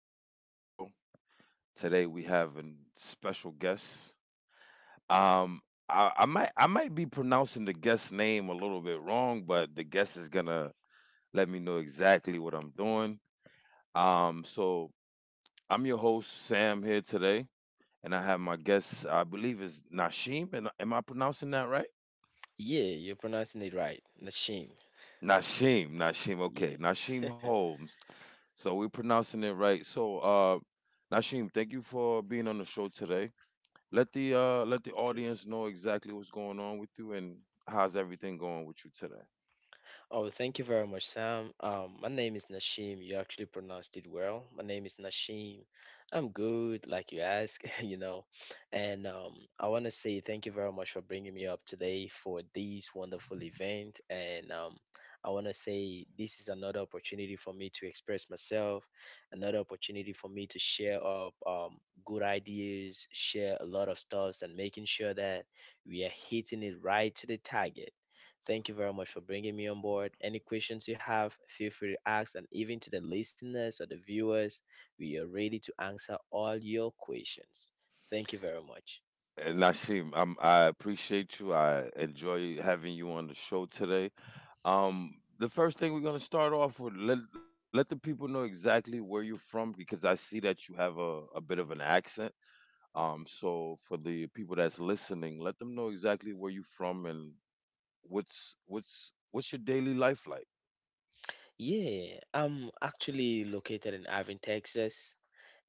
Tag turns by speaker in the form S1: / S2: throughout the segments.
S1: episode of the show. Today we have a special guest. Um, I might be pronouncing the guest name a little bit wrong, but the guest is gonna let me know exactly what I'm doing. So I'm your host Sam here today, and I have my guest. I believe is Nashim. And am I pronouncing that right?
S2: Yeah, you're pronouncing it right. Nashim.
S1: Nashim.
S2: Yeah.
S1: Okay, Nashim Holmes. So we're pronouncing it right. So, Nashim, thank you for being on the show today. Let the let the
S2: Okay.
S1: audience know exactly what's going on with you, and how's everything going with you today.
S2: Oh, thank you very much, Sam. My name is Nashim. You actually pronounced it well. My name is Nashim. I'm good, like you ask, you know. And I want to say thank you very much for bringing me up today for this wonderful event. And I want to say this is another opportunity for me to express myself, another opportunity for me to share up good ideas, share a lot of stuffs, and making sure that we are hitting it right to the target. Thank you very much for bringing me on board. Any questions you have, feel free to ask. And even to the listeners or the viewers, we are ready to answer all your questions. Thank you very much.
S1: And Nashim, am I appreciate you. I enjoy having you on the show today. The first thing we're gonna start off with, let let the people know exactly where you're from, because I see that you have a bit of an accent. So for the people that's listening, let them know exactly where you're from, and what's your daily life like.
S2: Yeah, I'm actually located in Irving, Texas,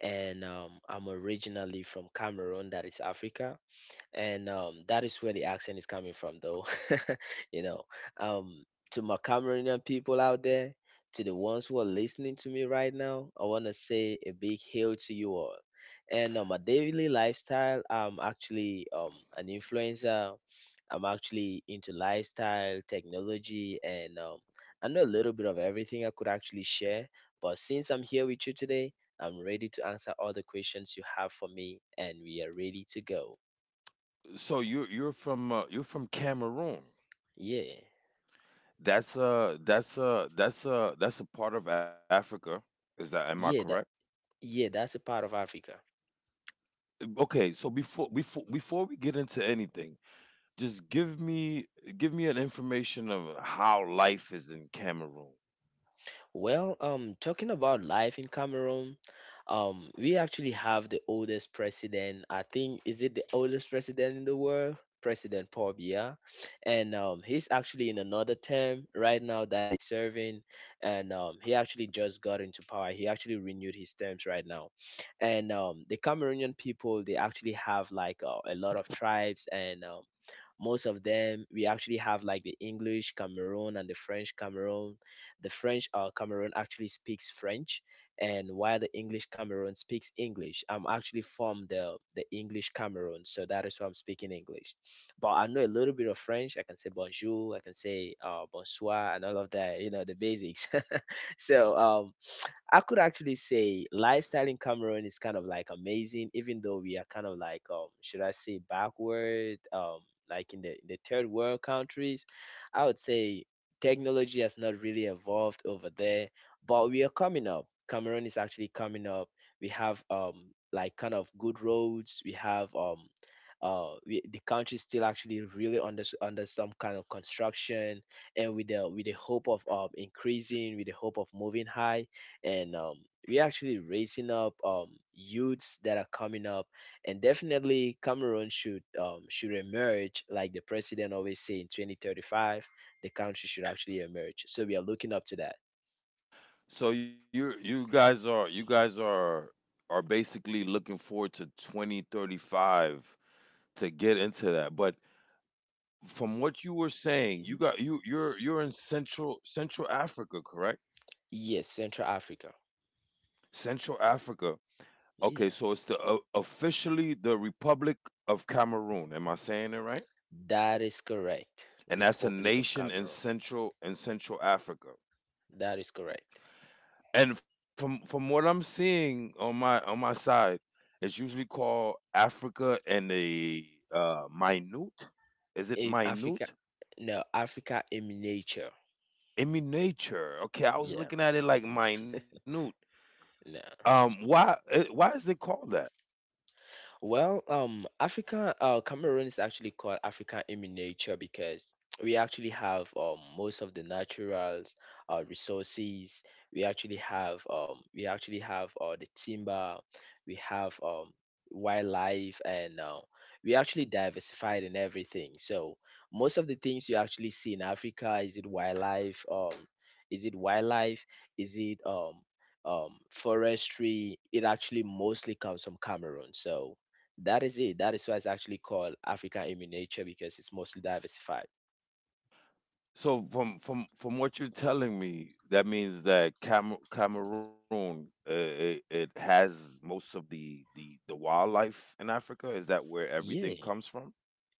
S2: and I'm originally from Cameroon, that is Africa. And that is where the accent is coming from, though. You know, um, to my Cameroonian people out there, to the ones who are listening to me right now, I want to say a big hail to you all. And my daily lifestyle, I'm actually an influencer. I'm actually into lifestyle, technology, and I know a little bit of everything I could actually share. But since I'm here with you today, I'm ready to answer all the questions you have for me, and we are ready to go.
S1: So you're from you're from Cameroon.
S2: Yeah.
S1: That's a part of Africa. Is that, am I correct?
S2: Yeah. That, yeah. That's a part of Africa.
S1: Okay, so before we get into anything, just give me an information of how life is in Cameroon.
S2: Well, talking about life in Cameroon, we actually have the oldest president. I think is it the oldest president in the world, President Paul Biya, and he's actually in another term right now that is serving, and he actually just got into power. He actually renewed his terms right now, and the Cameroonian people they actually have like a lot of tribes and most of them we actually have like the English Cameroon and the French Cameroon. The French Cameroon actually speaks French, and while the English Cameroon speaks English. I'm actually from the English Cameroon, so that is why I'm speaking English. But I know a little bit of French. I can say bonjour, I can say bonsoir, and all of that. You know the basics. So I could actually say lifestyle in Cameroon is kind of like amazing, even though we are kind of like should I say backward like in the third world countries. I would say technology has not really evolved over there, but we are coming up. Cameroon is actually coming up. We have like kind of good roads. We have the country is still actually really under under some kind of construction and with the hope of increasing with the hope of moving high and we're actually raising up youths that are coming up and definitely Cameroon should emerge like the president always say in 2035 the country should actually emerge, so we are looking up to that.
S1: So you you guys are basically looking forward to 2035 to get into that. But from what you were saying, you
S2: Mhm.
S1: got you you're you're in Central Africa, correct?
S2: Yes, Central Africa.
S1: Central Africa. Okay, so
S2: Yeah,
S1: it's the officially the Republic of Cameroon. Am I saying it right?
S2: that is correct.
S1: And that's a
S2: Republic of
S1: nation in
S2: Cameroon.
S1: Central Africa.
S2: That is correct.
S1: And from what I'm seeing on my side, it's usually called Africa and the minute. Is it
S2: Eh, africa
S1: minute?
S2: No, Africa in miniature.
S1: Immunature. Okay, I was
S2: Yeah.
S1: looking at it like minute.
S2: No.
S1: Why is it called that?
S2: Well, Africa, Cameroon is actually called Africa in miniature because we actually have most of the naturals, resources. We actually have the timber. We have wildlife, and we actually diversified in everything. So most of the things you actually see in Africa is it wildlife? Is it wildlife? Is it forestry? It actually mostly comes from Cameroon. So that is it. That is why it's actually called Africa in miniature because it's mostly diversified.
S1: So from what you're telling me, that means that Cameroon, it has most of the the wildlife in Africa. Is that where
S2: Yeah,
S1: everything comes from?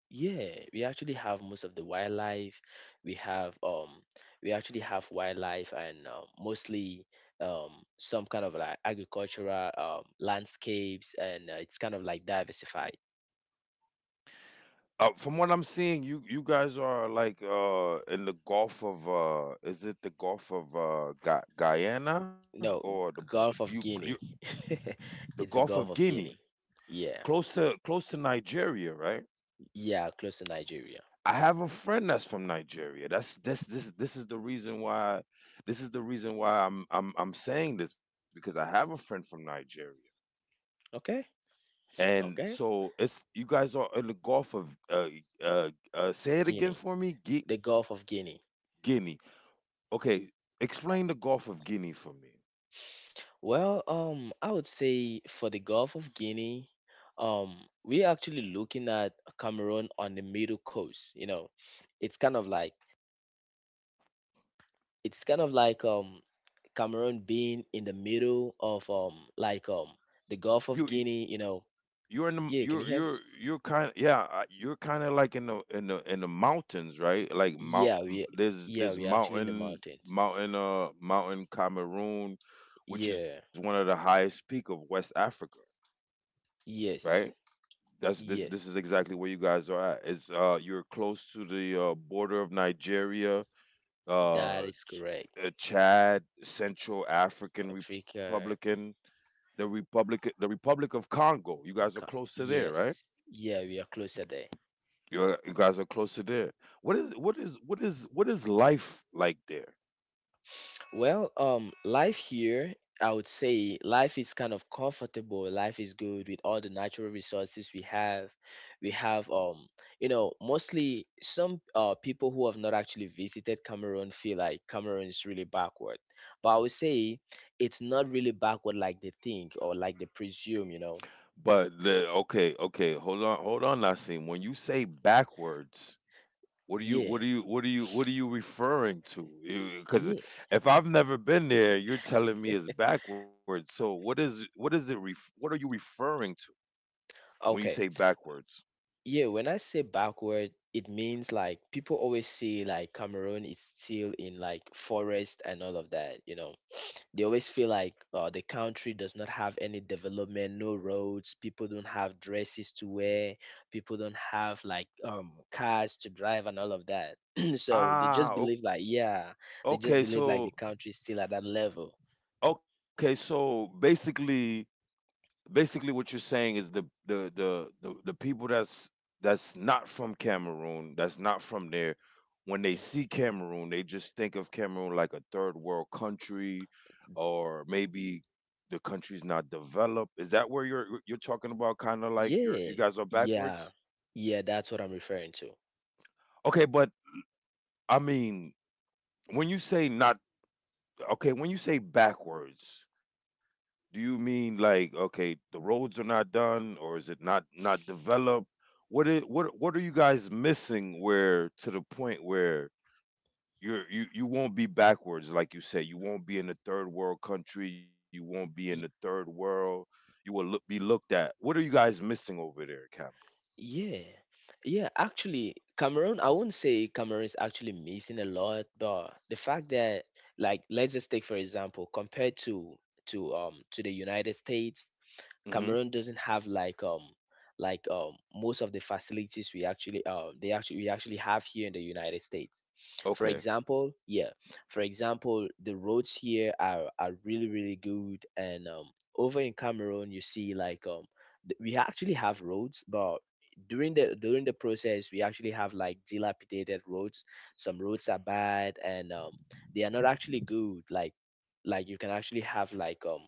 S2: yeah. We actually have most of the wildlife. We have we actually have wildlife and mostly um some kind of like agricultural landscapes and it's kind of like diversified.
S1: From what I'm seeing, you guys are like in the Gulf of is it the Gulf of Guyana or
S2: No,
S1: the bo- you,
S2: Gulf of
S1: you
S2: Guinea.
S1: the
S2: It's
S1: Gulf
S2: the
S1: of
S2: Gulf of
S1: Guinea,
S2: Guinea. Yeah,
S1: close to close to Nigeria, right?
S2: yeah, close to Nigeria.
S1: I have a friend that's from Nigeria. That's this is the reason why I'm saying this, because I have a friend from Nigeria.
S2: Okay,
S1: And
S2: okay.
S1: so it's you guys are in the Gulf of uh, say it again
S2: Guinea,
S1: for me,
S2: the Gulf of Guinea.
S1: Guinea. Okay, explain the Gulf of Guinea for me.
S2: Well, I would say for the Gulf of Guinea, um, we're actually looking at Cameroon on the middle coast. You know, it's kind of like it's kind of like um Cameroon being in the middle of like the Gulf
S1: You
S2: of Guinea. You know,
S1: You're in the
S2: yeah, can you hear me?
S1: you're kind of like in the mountains, right? Like mount,
S2: Yeah, we
S1: there's
S2: yeah,
S1: there's
S2: we're actually in the
S1: mountain,
S2: mountains.
S1: mountain Cameroon, which is one
S2: Yeah,
S1: of the highest peak of West Africa, right?
S2: yes,
S1: That's this this is
S2: yes,
S1: exactly where you guys are at. It's you're close to the border of Nigeria,
S2: that
S1: uh,
S2: is
S1: Ch-
S2: correct.
S1: uh, Chad, Central African
S2: Africa,
S1: Republican, the Republic of Congo. You guys are
S2: ca-
S1: close to there, right?
S2: yes, yeah, we are closer there.
S1: You guys are closer there. What is life like there?
S2: Well, life here, I would say life is kind of comfortable. Life is good with all the natural resources we have. We have, you know, mostly some people who have not actually visited Cameroon feel like Cameroon is really backward. But I would say it's not really backward like they think or like they presume, you know.
S1: But the, okay, hold on, Nassim. When you say backwards, what are you what
S2: Yeah,
S1: are you what are you what are you referring to? Because
S2: yeah.
S1: if I've never been there, you're telling me it's backwards. So what is it? Ref, what are you referring to when you say
S2: Okay.
S1: backwards?
S2: Yeah, when I say backward, it means like people always say like Cameroon is still in like forest and all of that, you know. They always feel like the country does not have any development, no roads, people don't have dresses to wear, people don't have like cars to drive and all of that. So they
S1: Ah,
S2: just
S1: o-
S2: believe like yeah, they just
S1: okay,
S2: believe like the
S1: so
S2: country is still at that level.
S1: okay, so basically what you're saying is the people that's not from Cameroon, that's not from there. When they
S2: Mhm.
S1: see Cameroon, they just think of Cameroon like a third world country, or maybe the country's not developed. Is that where you're talking about? Kind of like you
S2: Yeah,
S1: guys are
S2: yeah,
S1: backwards.
S2: yeah. That's what I'm referring to.
S1: Okay, but I mean, when you say not okay, when you say backwards, do you mean like okay, the roads are not done, or is it not developed? What it what are you guys missing? Where to the point where you won't be backwards, like you say, you won't be in a third world country, you won't be in the third world, be looked at. What are you guys missing over there, Cameron?
S2: Yeah, yeah, actually, Cameroon, I wouldn't say Cameroon is actually missing a lot, but the fact that, like, let's just take for example, compared to to the United States,
S1: Hmm.
S2: Cameroon doesn't have like most of the facilities we actually have here in the United States. For
S1: Okay,
S2: example, yeah, for example, the roads here are really good, and over in Cameroon you see like we actually have roads, but during the process we actually have like dilapidated roads. Some roads are bad and they are not actually good. Like you can actually have like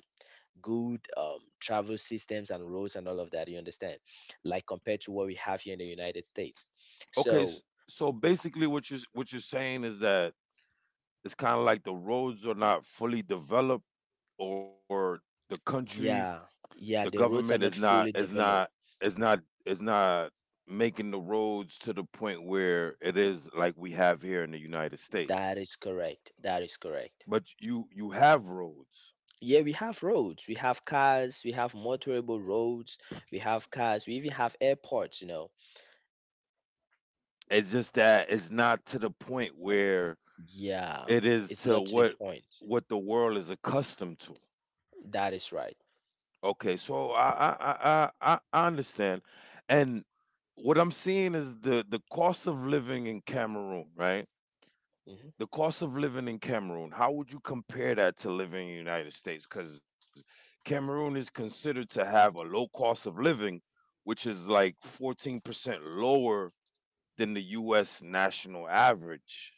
S2: good travel systems and roads and all of that. You understand? Like compared to what we have here in the United States.
S1: okay. s-
S2: So
S1: So basically, what you're saying is that it's kind of like the roads are not fully developed, or the country,
S2: yeah,
S1: the
S2: yeah, the
S1: government
S2: roads are
S1: is
S2: not
S1: not
S2: fully developed.
S1: is not is not making the roads to the point where it is like we have here in the United States.
S2: That is correct. That is correct.
S1: But you have roads.
S2: Yeah, we have roads, we have cars, we have motorable roads, we have cars, we even have airports, you know.
S1: It's just that it's not to the point where
S2: Yeah,
S1: it is
S2: it's
S1: to
S2: not to the
S1: what
S2: point.
S1: the world is accustomed to.
S2: That is right.
S1: Okay, so I understand, and what I'm seeing is the cost of living in Cameroon, right?
S2: Hmm.
S1: The cost of living in Cameroon, how would you compare that to living in the United States? Because Cameroon is considered to have a low cost of living, which is like 14% lower than the US national average.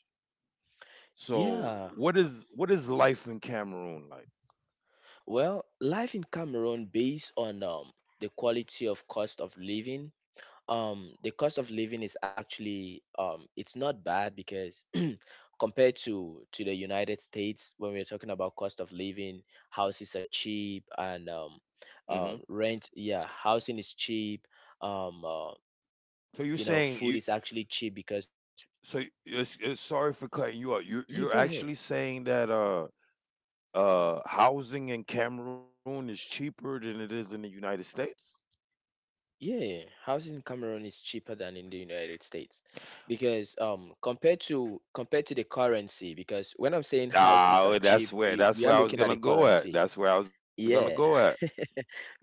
S1: So
S2: Yeah.
S1: what is life in Cameroon like?
S2: Well, life in Cameroon based on the quality of cost of living the cost of living is actually it's not bad because compared to the United States when we're talking about cost of living, houses are cheap and
S1: Hmm.
S2: rent, yeah, housing is cheap um uh, you know,
S1: So
S2: food
S1: you're
S2: is
S1: saying
S2: actually cheap because
S1: it's sorry for
S2: yeah
S1: cutting
S2: go
S1: you out.
S2: ahead.
S1: You're actually saying that housing in Cameroon is cheaper than it is in the United States?
S2: Yeah, housing in Cameroon is cheaper than in the United States because compared to the currency, because when I'm saying houses are
S1: Ah,
S2: cheap, we,
S1: that's
S2: we are
S1: where I was
S2: looking at
S1: gonna
S2: the
S1: go at.
S2: currency.
S1: That's where I was gonna go
S2: Yeah,
S1: at.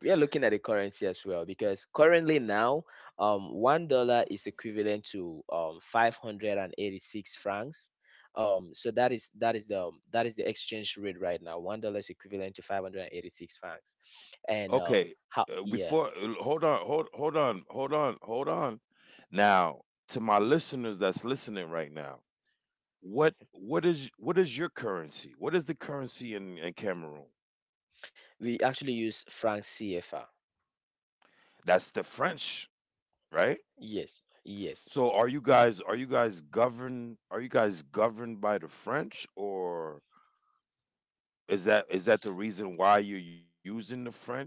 S2: we are looking at the currency as well because currently now $1 is equivalent to 586 francs. Um so that is the that is the exchange rate right now, $1 is equivalent to 586 francs
S1: Okay,
S2: and how
S1: before
S2: yeah
S1: hold on, hold on. Now, to my listeners that's listening right now, what is your currency? What is the currency in Cameroon?
S2: we actually use franc CFR.
S1: That's the French, right?
S2: Yes, yes.
S1: So, are you guys governed? Are you guys governed by the French, or is that the reason why you're using the French?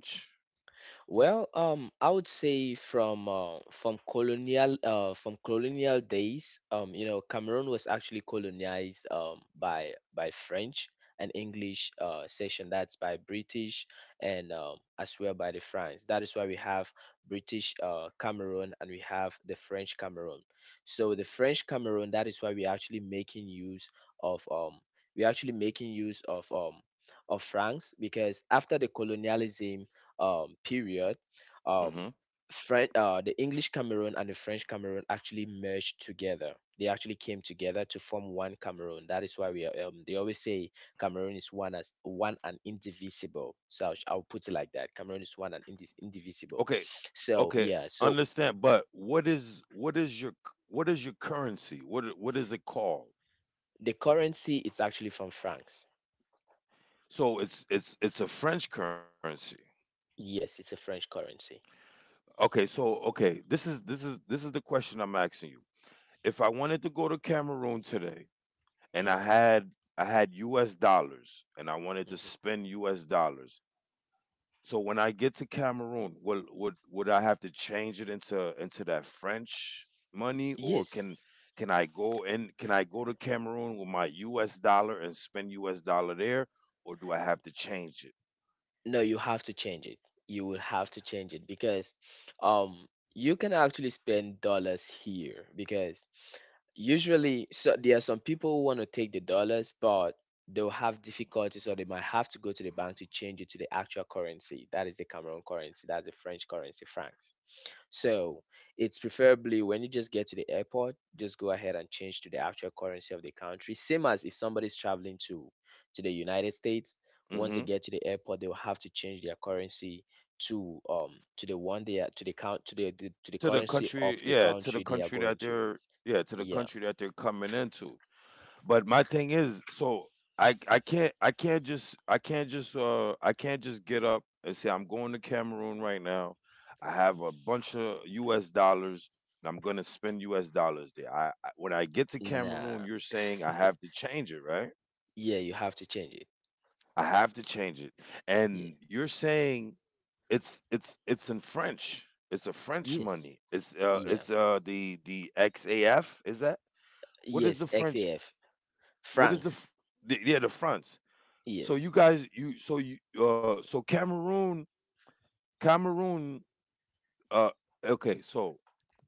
S2: Well, I would say from from colonial from colonial days, you know, Cameroon was actually colonized by French and English session. That's by British and as well by the France. That is why we have British Cameroon and we have the French Cameroon. So the French Cameroon, that is why we're actually making use of um, we're actually making use of um, of francs because after the colonialism period, um,
S1: Mm-hmm.
S2: French, the English Cameroon and the French Cameroon actually merged together. They actually came together to form one Cameroon. That is why we are, they always say Cameroon is one as one and indivisible. So I I'll put it like that. Cameroon is one and indivisible.
S1: Okay,
S2: So
S1: okay,
S2: yeah, so
S1: understand, but what is your what is your currency? What is it called?
S2: the currency it's actually from francs.
S1: So it's a French currency.
S2: Yes, it's a French currency.
S1: Okay, this is this is the question I'm asking you. If I wanted to go to Cameroon today and
S2: Mhm,
S1: I had US dollars and I wanted to
S2: mhm.
S1: spend US dollars. So when I get to Cameroon, will would I have to change it into that French money, or
S2: Yes.
S1: can I go and can I go to Cameroon with my U.S. dollar and spend U.S. dollar there, or do I have to change it?
S2: No, you have to change it. You will have to change it because um you can actually spend dollars here because usually so there are some people who want to take the dollars but they'll have difficulties or they might have to go to the bank to change it to the actual currency. That is the Cameroon currency, that's the French currency, francs. So it's preferably when you just get to the airport, just go ahead and change to the actual currency of the country. Same as if somebody's traveling to the United States. Once they
S1: Hmm.
S2: get to the airport, they'll have to change their currency to
S1: To
S2: the
S1: the
S2: currency
S1: country?
S2: of the
S1: Yeah, to the
S2: country they
S1: country
S2: are
S1: that
S2: going to.
S1: they're, yeah, to the
S2: Yeah.
S1: country that they're coming into. But my thing is, so I can't just I can't just I can't just get up and say I'm going to Cameroon right now. I have a bunch of U.S. dollars, and I'm gonna spend U.S. dollars there. I when I get to Cameroon,
S2: Nah.
S1: you're saying I have to change it, right?
S2: Yeah, you have to change it.
S1: I have to change it,
S2: Yeah.
S1: and you're saying it's it's in French. It's a French
S2: Yes.
S1: money.
S2: Yeah.
S1: It's the XAF, is that? What is
S2: Yes,
S1: the French?
S2: XAF.
S1: What is the,
S2: Francs.
S1: yeah, the francs? So you
S2: Yes.
S1: guys, you so Cameroon, Cameroon. Uh, okay. So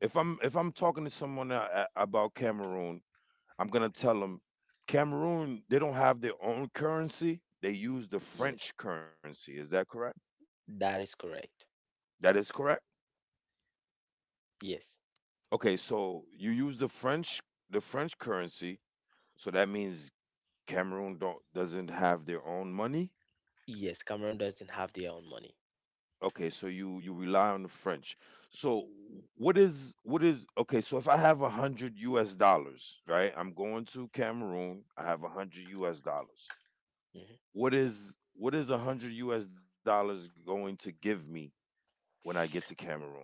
S1: if I'm talking to someone about Cameroon, I'm gonna tell them Cameroon, they don't have their own currency. They use the
S2: Yes.
S1: French currency. Is that correct?
S2: That is correct.
S1: That is correct.
S2: Yes.
S1: Okay. So you use the French currency. So that means Cameroon don't doesn't have their own money.
S2: Yes, Cameroon doesn't have their own money.
S1: Okay, so you rely on the French. So what is okay? So if I have a hundred U.S. dollars, right? I'm going to Cameroon. I have a hundred U.S. dollars.
S2: Mhm.
S1: What is a hundred U.S. dollars going to give me when I get to Cameroon?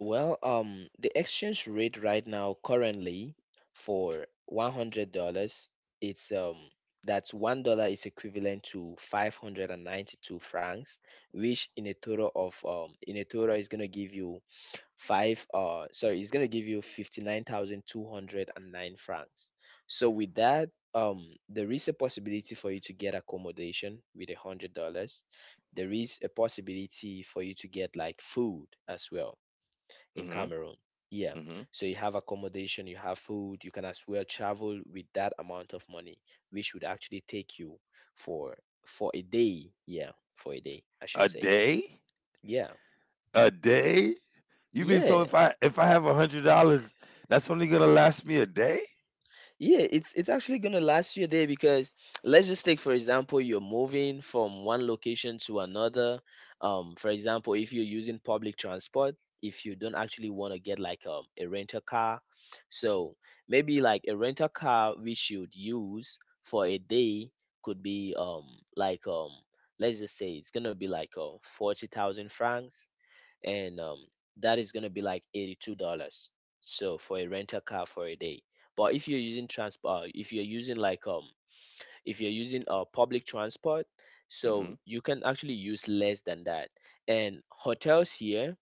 S2: Well, the exchange rate right now currently for $100, it's that's $1 is equivalent to 592 francs, which in a total is gonna give you five sorry it's going to give you 59,209 francs. So with that, um there is a possibility for you to get accommodation with $100. There is a possibility for you to get like food as well
S1: Mm-hmm.
S2: in Cameroon, yeah.
S1: Mm-hmm.
S2: So you have accommodation, you have food, you can as well travel with that amount of money, which would actually take you for for a day, yeah, for a day
S1: A
S2: I should say.
S1: day?
S2: Yeah,
S1: A day? You mean so if
S2: yeah.
S1: I have $100, that's only gonna last me a day?
S2: Yeah, it's actually gonna last you a day because let's just take for example you're moving from one location to another. For example, if you're using public transport, if you don't actually want to get like a rental car, so maybe like a rental car we should use for a day could be like um let's just say it's gonna be like 40,000 francs, and that is gonna be like $82. So for a rental car for a day. But if you're using transport, if you're using public transport,
S1: Mm-hmm.
S2: so you can actually use less than that. And hotels here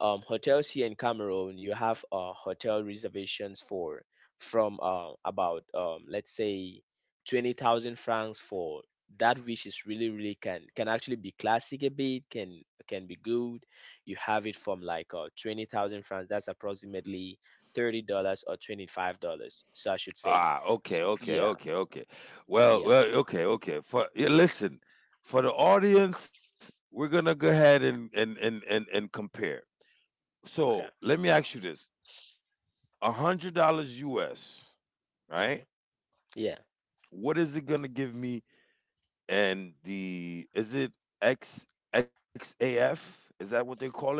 S2: um, hotels here in Cameroon, you have hotel reservations for from about let's say 20,000 francs for that, which is really really can actually be classic a bit, can be good. You have it from like 20,000 francs. That's approximately $30 or $25. So I should say.
S1: Ah, okay, okay,
S2: Yeah,
S1: okay, okay. Well,
S2: yeah,
S1: For yeah, listen, for the audience, we're gonna go ahead and and compare. So
S2: okay.
S1: let me ask you this: $100 US, right?
S2: Hmm, yeah,
S1: What is it gonna give me? And the is it X XAF? Is that what they're calling it?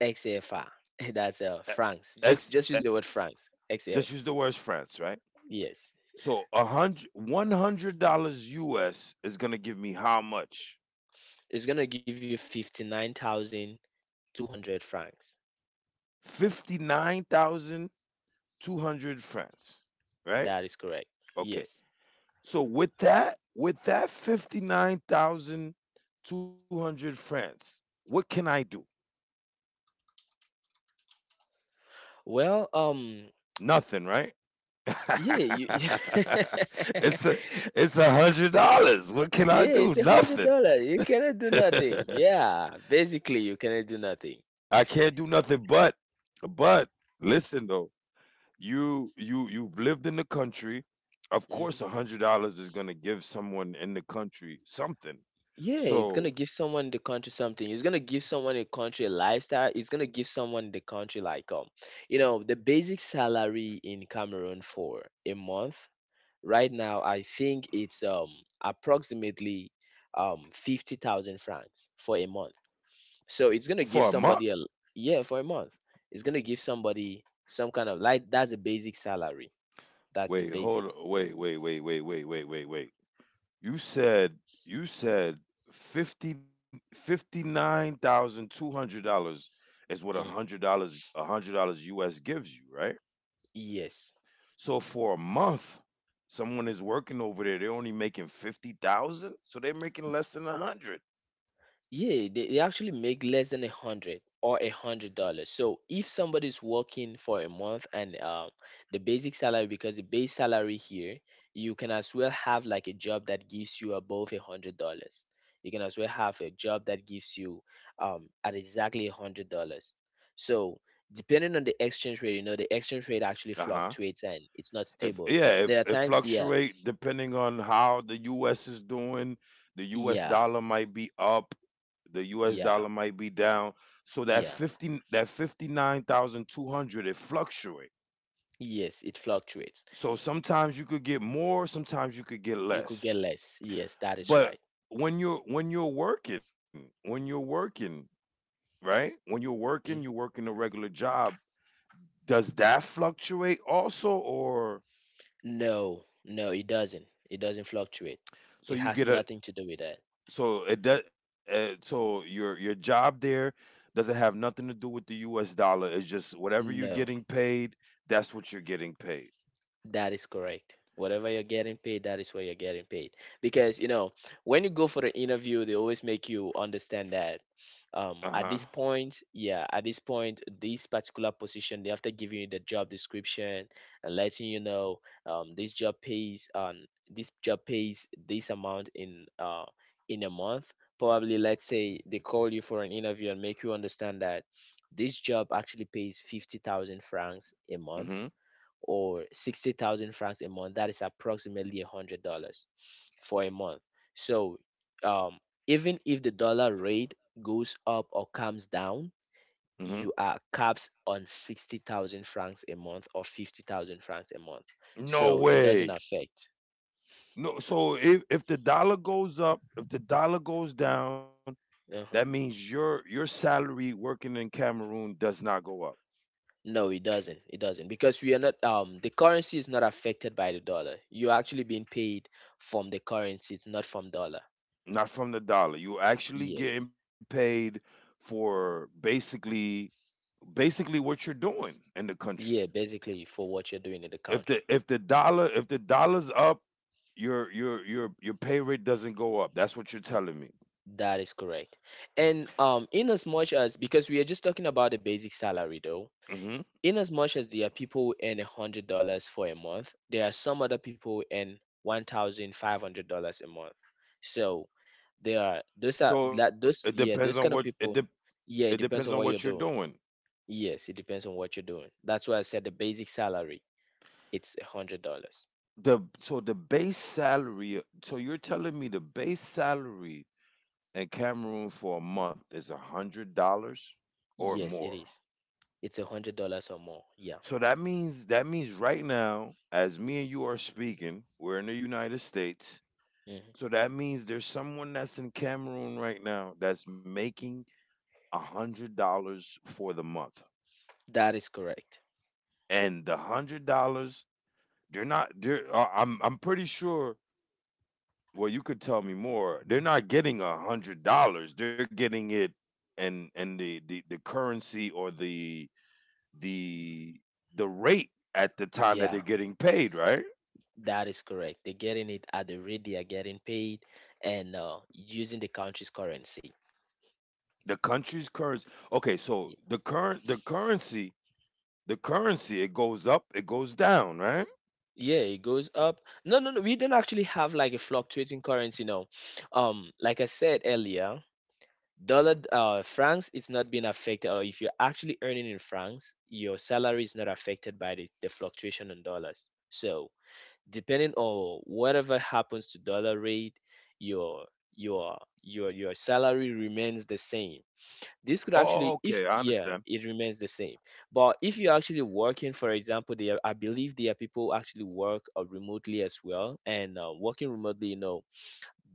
S2: XFR. That's
S1: E-
S2: francs.
S1: X.
S2: Just
S1: e-
S2: just use the word francs.
S1: Just use
S2: XF.
S1: the words France, right?
S2: Yes.
S1: So a hundred one hundred dollars US is gonna give me how much?
S2: It's gonna give you 59,200 francs.
S1: 59,200 francs,
S2: That
S1: right?
S2: is correct.
S1: Okay.
S2: Yes.
S1: So with that 59,200 francs, what can I do?
S2: Well,
S1: Nothing, right?
S2: yeah, yeah,
S1: it's a it's $100. What can I do?
S2: it's a hundred
S1: Nothing.
S2: dollar. You cannot do nothing. Yeah, basically, you cannot do nothing.
S1: I can't do nothing, but but listen though. You've lived in the country. Of
S2: Hmm.
S1: course $100 is going to give someone in the country something.
S2: Yeah, it's gonna
S1: So
S2: give someone in the country something. It's gonna give someone in the country a lifestyle. It's gonna give someone in the country like the basic salary in Cameroon for a month. Right now, I think it's approximately 50,000 francs for a month. So it's
S1: for
S2: going
S1: a
S2: to give
S1: month,
S2: somebody a yeah, for a month. It's going to give somebody some kind of like that's a basic salary. That's the
S1: wait,
S2: basic.
S1: hold, wait, wait, wait, wait, wait, wait, wait, wait. You said you said fifty fifty nine thousand two hundred dollars is
S2: Mm,
S1: what $100, $100 US gives you, right?
S2: yes.
S1: So for a month, someone is working over there, they're only making 50,000, so they're making less than a hundred.
S2: Yeah, they actually make less than a hundred or $100. So if somebody's working for a month and the basic salary, because the base salary here, you can as well have like a job that gives you above $100. You can as well have a job that gives you at exactly $100. So depending on the exchange rate, the exchange rate actually
S1: Uh-huh.
S2: fluctuates and it's not
S1: If
S2: stable.
S1: yeah,
S2: There
S1: if
S2: are
S1: it
S2: times, yeah,
S1: fluctuate depending on how the US is doing, the US
S2: yeah,
S1: dollar might be up, the US dollar might
S2: yeah,
S1: be down. So that
S2: yeah.
S1: 50, that 59,200, it fluctuate.
S2: Yes, it fluctuates.
S1: So sometimes you could get more, sometimes you could get
S2: You could get
S1: less.
S2: less. Yes, that is
S1: But
S2: right.
S1: when you're working, when you're working, right? When you're
S2: Mhm.
S1: working a regular job, does that fluctuate also, or
S2: No, no, it doesn't. It doesn't fluctuate.
S1: so
S2: It
S1: you
S2: has
S1: get a
S2: nothing to do with that.
S1: so it does? So your job there doesn't have nothing to do with the U.S. dollar. It's just whatever you're
S2: No.
S1: getting paid. That's what you're getting paid.
S2: That is correct. Whatever you're getting paid, that is where you're getting paid. Because, when you go for the interview, they always make you understand that
S1: Uh huh.
S2: at this point, yeah, at this point, this particular position, they have to give you the job description and letting you know, um, this job pays um, this job pays this amount in a month. Probably, let's say they call you for an interview and make you understand that this job actually pays 50,000 francs a month
S1: Mm-hmm.
S2: or 60,000 francs a month, that is approximately $100 for a month. So, um, even if the dollar rate goes up or comes down,
S1: Mm-hmm.
S2: you are capped on 60,000 francs a month or 50,000 francs a month.
S1: No
S2: So it doesn't
S1: way.
S2: affect.
S1: No. So if the dollar goes up, if the dollar goes down, that
S2: Uh-huh.
S1: means your salary working in Cameroon does not go up.
S2: No, it doesn't. It doesn't because we are not the currency is not affected by the dollar. You're actually being paid from the currency, it's not from dollar.
S1: Not from the dollar. You're actually
S2: Yes.
S1: getting paid for basically what you're doing in the country.
S2: Yeah, basically for what you're doing in the
S1: If the
S2: country.
S1: if the dollar, if the dollar's up, your pay rate doesn't go up. That's what you're telling me.
S2: That is correct. And in as much as, because we are just talking about the basic salary though,
S1: Hmm.
S2: in as much as there are people who earn $100 for a month, there are some other people who earn $1,500 a month. So there are those are
S1: So it
S2: that those
S1: depends on
S2: yeah,
S1: what
S2: those kind of people,
S1: it
S2: yeah, it
S1: depends on
S2: depends on
S1: what
S2: what
S1: you're
S2: you're doing.
S1: doing.
S2: Yes, it depends on what you're doing. That's why I said the basic salary, it's $100.
S1: The so the base salary. So you're telling me the base salary in Cameroon for a month is $100 or
S2: Yes, it
S1: more.
S2: is. It's $100 or more. Yeah.
S1: So that means right now, as me and you are speaking, we're in the United States.
S2: Mhm.
S1: So that means there's someone that's in Cameroon right now that's making $100 for the month,
S2: That is correct.
S1: and the $100, they're not. They're I'm pretty sure. Well, you could tell me more. They're not getting $100. They're getting it, and the currency, or the the rate at the time
S2: Yeah.
S1: that they're getting paid, right?
S2: That is correct. They're getting it at the rate they are getting paid and using the country's currency.
S1: The country's currency. Okay, so
S2: Ye-
S1: the current, the currency, it goes up, it goes down, right?
S2: Yeah, it goes up. No, no, no. We don't actually have like a fluctuating currency. No, like I said earlier, francs is not being affected. Or if you're actually earning in francs, your salary is not affected by the fluctuation on dollars. So depending on whatever happens to dollar rate, your your salary remains the same. This could
S1: Oh, okay,
S2: actually
S1: I
S2: if
S1: understand.
S2: yeah it remains the same. But if you're actually working, for example, there, I believe there are people who actually work remotely as well, and working remotely.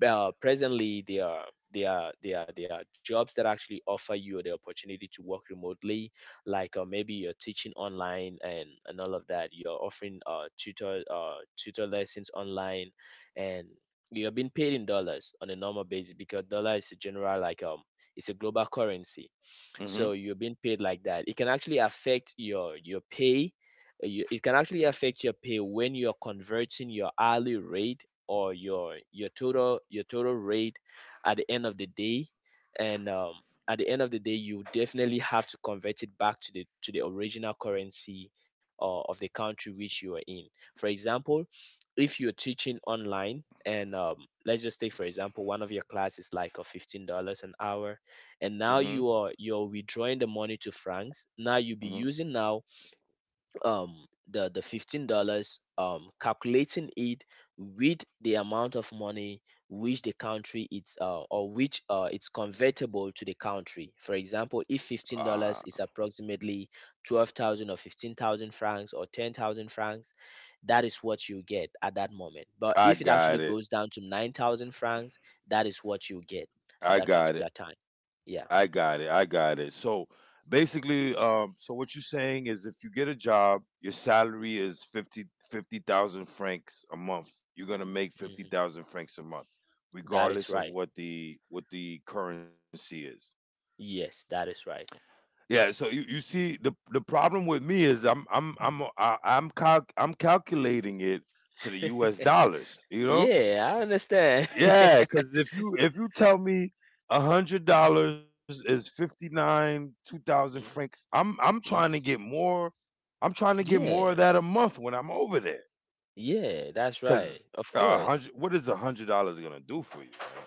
S2: Presently, there are jobs that actually offer you the opportunity to work remotely, like maybe you're teaching online, and all of that, you're offering tutor lessons online. And you're being paid in dollars on a normal basis because dollar is a general like it's a global currency.
S1: Mm-hmm.
S2: So you're being paid like that, it can actually affect your pay. It can actually affect your pay when you're converting your hourly rate or your total rate at the end of the day. And at the end of the day, you definitely have to convert it back to the original currency of the country which you are in. For example, if you're teaching online and let's just take for example, one of your classes, like a $15 an hour, and
S1: Mm-hmm.
S2: now you're withdrawing the money to francs. Now you'll be
S1: Mm-hmm.
S2: using now, um the $15, calculating it with the amount of money which the country it's or which it's convertible to the country. For example, if fifteen
S1: Uh,
S2: dollars is approximately 12,000 or 15,000 francs or 10,000 francs, that is what you get at that moment. But
S1: I
S2: if it actually
S1: got it.
S2: goes down to 9,000 francs, that is what you get at
S1: I
S2: that
S1: got it.
S2: particular time.
S1: I
S2: Yeah.
S1: got it. I got it. So basically, so what you're saying is, if you get a job, your salary is 50 50,000 francs a month. You're going to make
S2: Mhm,
S1: 50,000 francs a month
S2: that is
S1: regardless of
S2: right.
S1: what the currency is.
S2: Yes, that is right.
S1: Yeah, so you see the problem with me is I'm calculating it to the US dollars, you know?
S2: Yeah, I understand.
S1: Yeah, because if you tell me $100 is fifty nine two thousand francs, I'm trying to
S2: Mhm.
S1: get more. I'm trying to get more of
S2: Yeah,
S1: that a month when I'm over there.
S2: yeah, that's right.
S1: Because
S2: Of
S1: a
S2: course.
S1: hundred, what is $100 gonna do for you, man?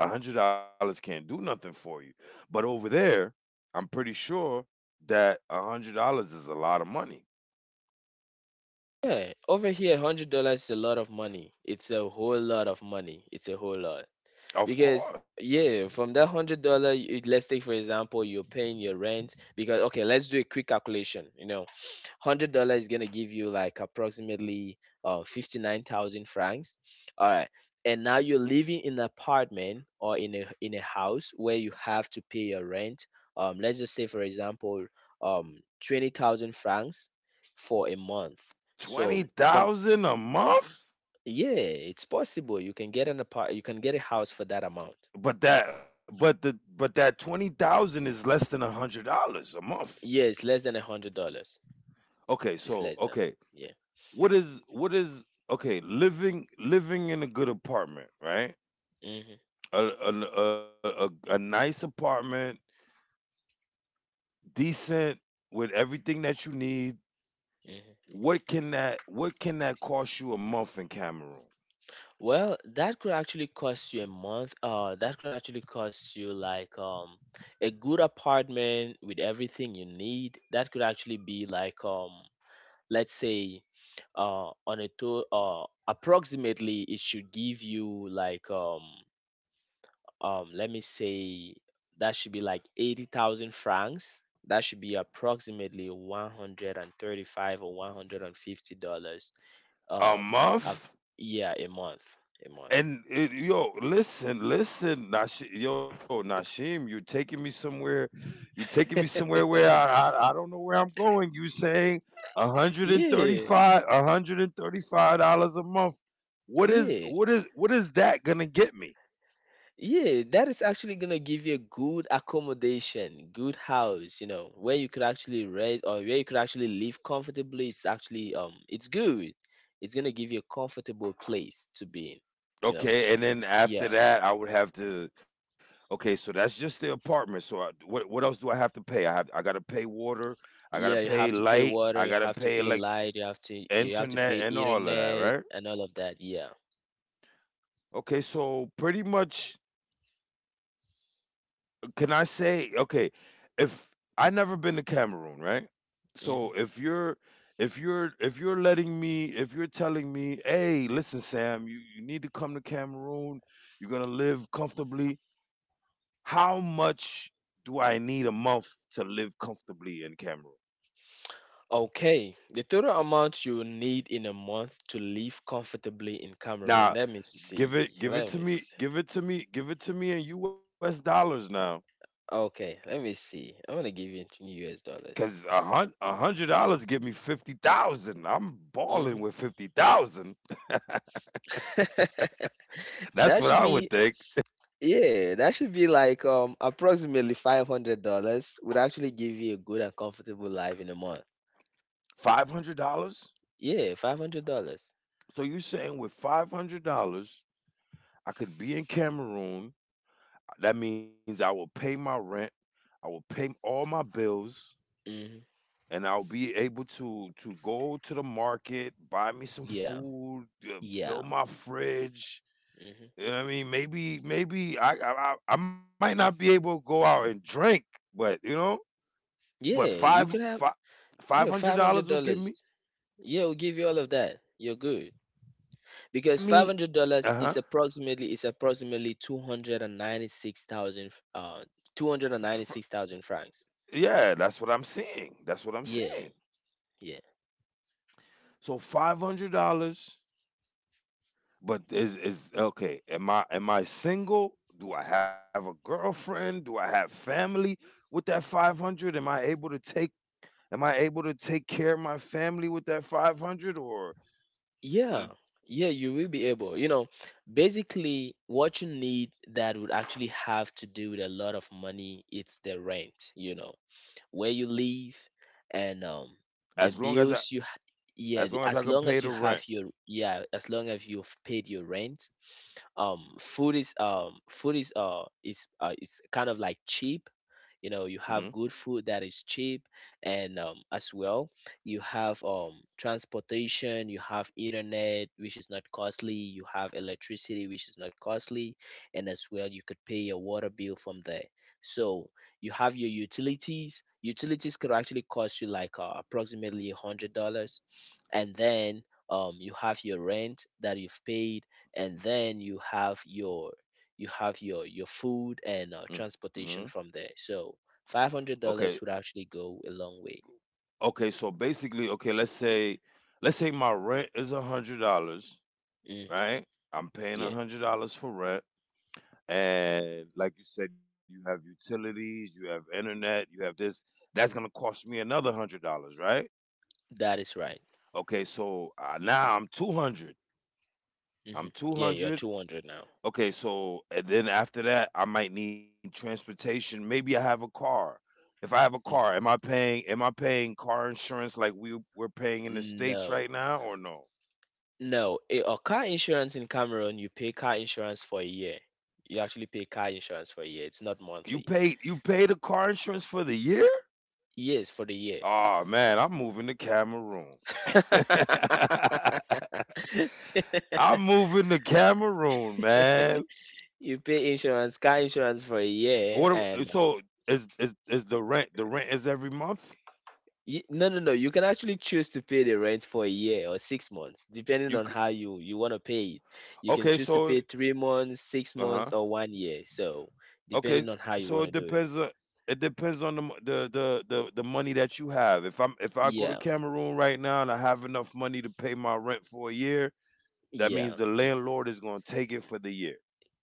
S1: $100 can't do nothing for you. But over there, I'm pretty sure that $100 is a lot of money.
S2: Yeah, over here, $100 is a lot of money. It's a whole lot of money. It's a whole lot.
S1: Of
S2: Because
S1: course.
S2: yeah, from that $100, let's take for example, you're paying your rent. Because Okay, let's do a quick calculation. $100 is gonna give you like approximately 59,000 francs. All right, and now you're living in an apartment or in a house where you have to pay your rent. Let's just say for example, um, 20,000 francs for a month.
S1: twenty
S2: So from
S1: thousand a month?
S2: yeah, it's possible you can get you can get a house for that amount.
S1: But that 20,000 is less than $100 a month.
S2: Yes, less than $100.
S1: Okay,
S2: It's
S1: so
S2: less than.
S1: okay.
S2: Yeah.
S1: What is okay, living in a good apartment, right?
S2: Hmm.
S1: A nice apartment, decent, with everything that you need.
S2: Hmm.
S1: What can that cost you a month in Cameroon?
S2: Well, that could actually cost you a month. That could actually cost you like a good apartment with everything you need. That could actually be like let's say, on a to approximately it should give you like let me say, that should be like 80,000 francs. That should be approximately 135 or 150 dollars,
S1: A
S2: um up,
S1: month?
S2: yeah, a month. A month.
S1: And yo, listen, listen, Nash. Yo, Nashim, you're taking me somewhere. You're taking me somewhere where I don't know where I'm going. You saying
S2: Yeah,
S1: 135, $135 a month? What is,
S2: yeah,
S1: what is, what is that gonna get me?
S2: yeah. That is actually gonna give you a good accommodation, good house, where you could actually rent or where you could actually live comfortably. It's good. It's gonna give you a comfortable place to be in, you know.
S1: Okay, and then after
S2: Yeah.
S1: that, I would have to. Okay, so that's just the apartment. So what else do I have to pay? I gotta pay water. I gotta
S2: Yeah, you
S1: pay
S2: have to pay
S1: light.
S2: water,
S1: I
S2: you
S1: gotta
S2: have to
S1: pay,
S2: pay
S1: like,
S2: light, you have to
S1: internet
S2: pay
S1: and all of that,
S2: internet
S1: right?
S2: and all of that. Yeah.
S1: Okay, so pretty much, can I say, okay, if I never been to Cameroon, right? So
S2: Hmm.
S1: if you're if you're if you're letting me if you're telling me, hey, listen, Sam, you need to come to Cameroon, you're gonna live comfortably, how much do I need a month to live comfortably in Cameroon?
S2: Okay, the total amount you need in a month to live comfortably in Cameroon.
S1: Now,
S2: Let me see.
S1: give it
S2: Let
S1: to
S2: me
S1: me,
S2: see.
S1: give it to me, give it to me in US dollars now.
S2: Okay, let me see. I'm gonna give you new US
S1: Cause
S2: dollars.
S1: $100 give me 50,000. I'm balling
S2: Hmm.
S1: with 50,000. That's
S2: that
S1: what
S2: should
S1: I would
S2: be
S1: think.
S2: yeah, that should be like approximately $500 would actually give you a good and comfortable life in a month.
S1: $500?
S2: Yeah, $500.
S1: So you're saying with $500, I could be in Cameroon. That means I will pay my rent. I will pay all my bills,
S2: Mm-hmm.
S1: and I'll be able to go to the market, buy me some
S2: Yeah,
S1: food,
S2: yeah,
S1: fill my fridge. You
S2: hmm,
S1: know what I mean? Maybe I might not be able to go out and drink, but you know.
S2: yeah.
S1: But
S2: You can
S1: five
S2: have,
S1: five five hundred
S2: yeah, five hundred
S1: dollars will
S2: dollars.
S1: give me,
S2: Yeah, we'll give you all of that. You're good because five
S1: I
S2: hundred
S1: mean,
S2: dollars is
S1: uh-huh.
S2: approximately 296,000, two hundred and
S1: Fr
S2: ninety six thousand francs.
S1: yeah, that's what I'm seeing. That's what I'm
S2: Yeah,
S1: seeing.
S2: yeah,
S1: So $500, but is okay, am I single? Do I have a girlfriend? Do I have family with that 500? Am I able to take care of my family with that 500, or
S2: yeah,
S1: it,
S2: yeah. You will be able. You know, basically, what you need that would actually have to do with a lot of money. It's the rent. You know, where you live, and
S1: as
S2: the
S1: long as I
S2: bills you. Yeah,
S1: as long as I
S2: as
S1: can
S2: long
S1: pay
S2: as you
S1: the
S2: have
S1: rent.
S2: your, yeah, as long as you've paid your rent, food is is kind of like cheap. You know, you
S1: Mhm.
S2: have good food that is cheap, and, as well, you have transportation, you have internet, which is not costly, you have electricity, which is not costly, and as well, you could pay your water bill from there. So you have your utilities. Utilities could actually cost you like, approximately $100, and then, you have your rent that you've paid, and then you have your, you have your food and,
S1: Mhm.
S2: transportation from there. So
S1: Okay.
S2: $500 would actually go a long way.
S1: Okay, so basically, okay, let's say my rent is a $100,
S2: Hmm.
S1: right? I'm paying a
S2: Yeah,
S1: $100 for rent, and like you said, you have utilities, you have internet, you have this. That's going to cost me another $100, right?
S2: that is right.
S1: Okay, so now I'm 200. I'm
S2: Hmm. Yeah, you're
S1: 200.
S2: 200 now.
S1: Okay, so and then after that, I might need transportation. Maybe I have a car. If I have a car, am
S2: Hmm.
S1: I paying am I paying car insurance like we're paying in the states
S2: No.
S1: right now, or no?
S2: No, a car insurance in Cameroon, you pay car insurance for a year. You actually pay car insurance for a year. It's not
S1: You paid
S2: monthly.
S1: you paid the car insurance for the year?
S2: Yes, for the year.
S1: Oh man, I'm moving to Cameroon. I'm moving to Cameroon, man.
S2: You pay insurance, car insurance for a
S1: What?
S2: year,
S1: So
S2: and,
S1: is the rent? The rent is every month?
S2: no, no, no. You can actually choose to pay the rent for a year or 6 months, depending
S1: You
S2: on how you want to pay it. You can
S1: Okay,
S2: choose to
S1: so
S2: pay 3 months, six
S1: uh-huh.
S2: months, or one year. So
S1: Okay,
S2: depending on
S1: so
S2: how you want to do it.
S1: it depends on the m- the money that you have. If I go to
S2: Yeah,
S1: Cameroon right now and I have enough money to pay my rent for a year, that
S2: yeah.
S1: means the landlord is going to take it for the year.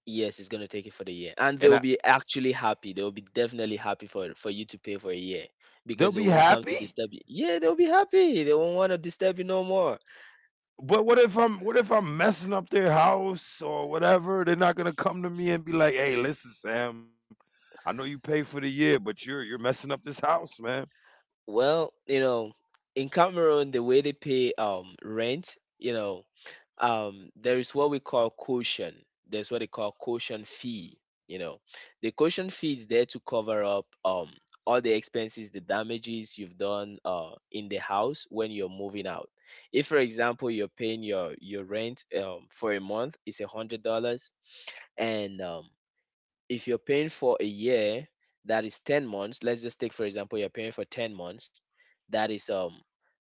S2: Yes, it's gonna take it for the year, and
S1: And
S2: they'll
S1: I,
S2: be actually happy. They'll be definitely happy for you to pay for a year
S1: they'll be
S2: because they won't come to
S1: happy?
S2: disturb you. Yeah, they'll be happy. They won't want to disturb you no more.
S1: But what if I'm messing up their house or whatever? They're not going to come to me and be like, "Hey, listen, Sam, I know you pay for the year, but you're messing up this house, man."
S2: Well, you know, in Cameroon, the way they pay rent, you know, there is what we call caution. There's what they call caution fee. You know, the caution fee is there to cover up, all the expenses, the damages you've done, in the house when you're moving out. If, for example, you're paying your rent, for a month is $100, and, if you're paying for a year, that is 10 months. Let's just take for example, you're paying for 10 months. That is, um,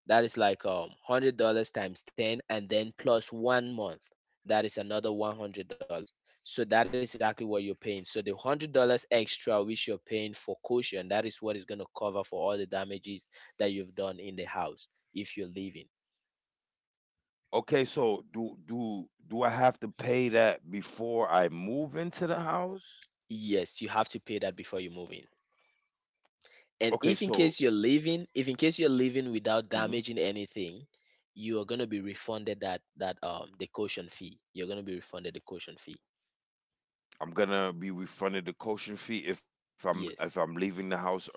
S2: that is like, um, $100 times 10, and then plus 1 month, that is another $100. So that is exactly what you're paying. So the $100 extra which you're paying for caution, that is what is going to cover for all the damages that you've done in the house if you're leaving.
S1: Okay, so do I have to pay that before I move into the house?
S2: Yes, you have to pay that before you move in.
S1: Okay,
S2: And if in
S1: so
S2: case you're leaving, if in case you're leaving without
S1: mhm,
S2: damaging anything, you are going to be refunded that, um, the caution fee. You're going to be refunded the caution fee.
S1: I'm gonna be refunded the caution fee if I'm
S2: Yes.
S1: leaving the house early,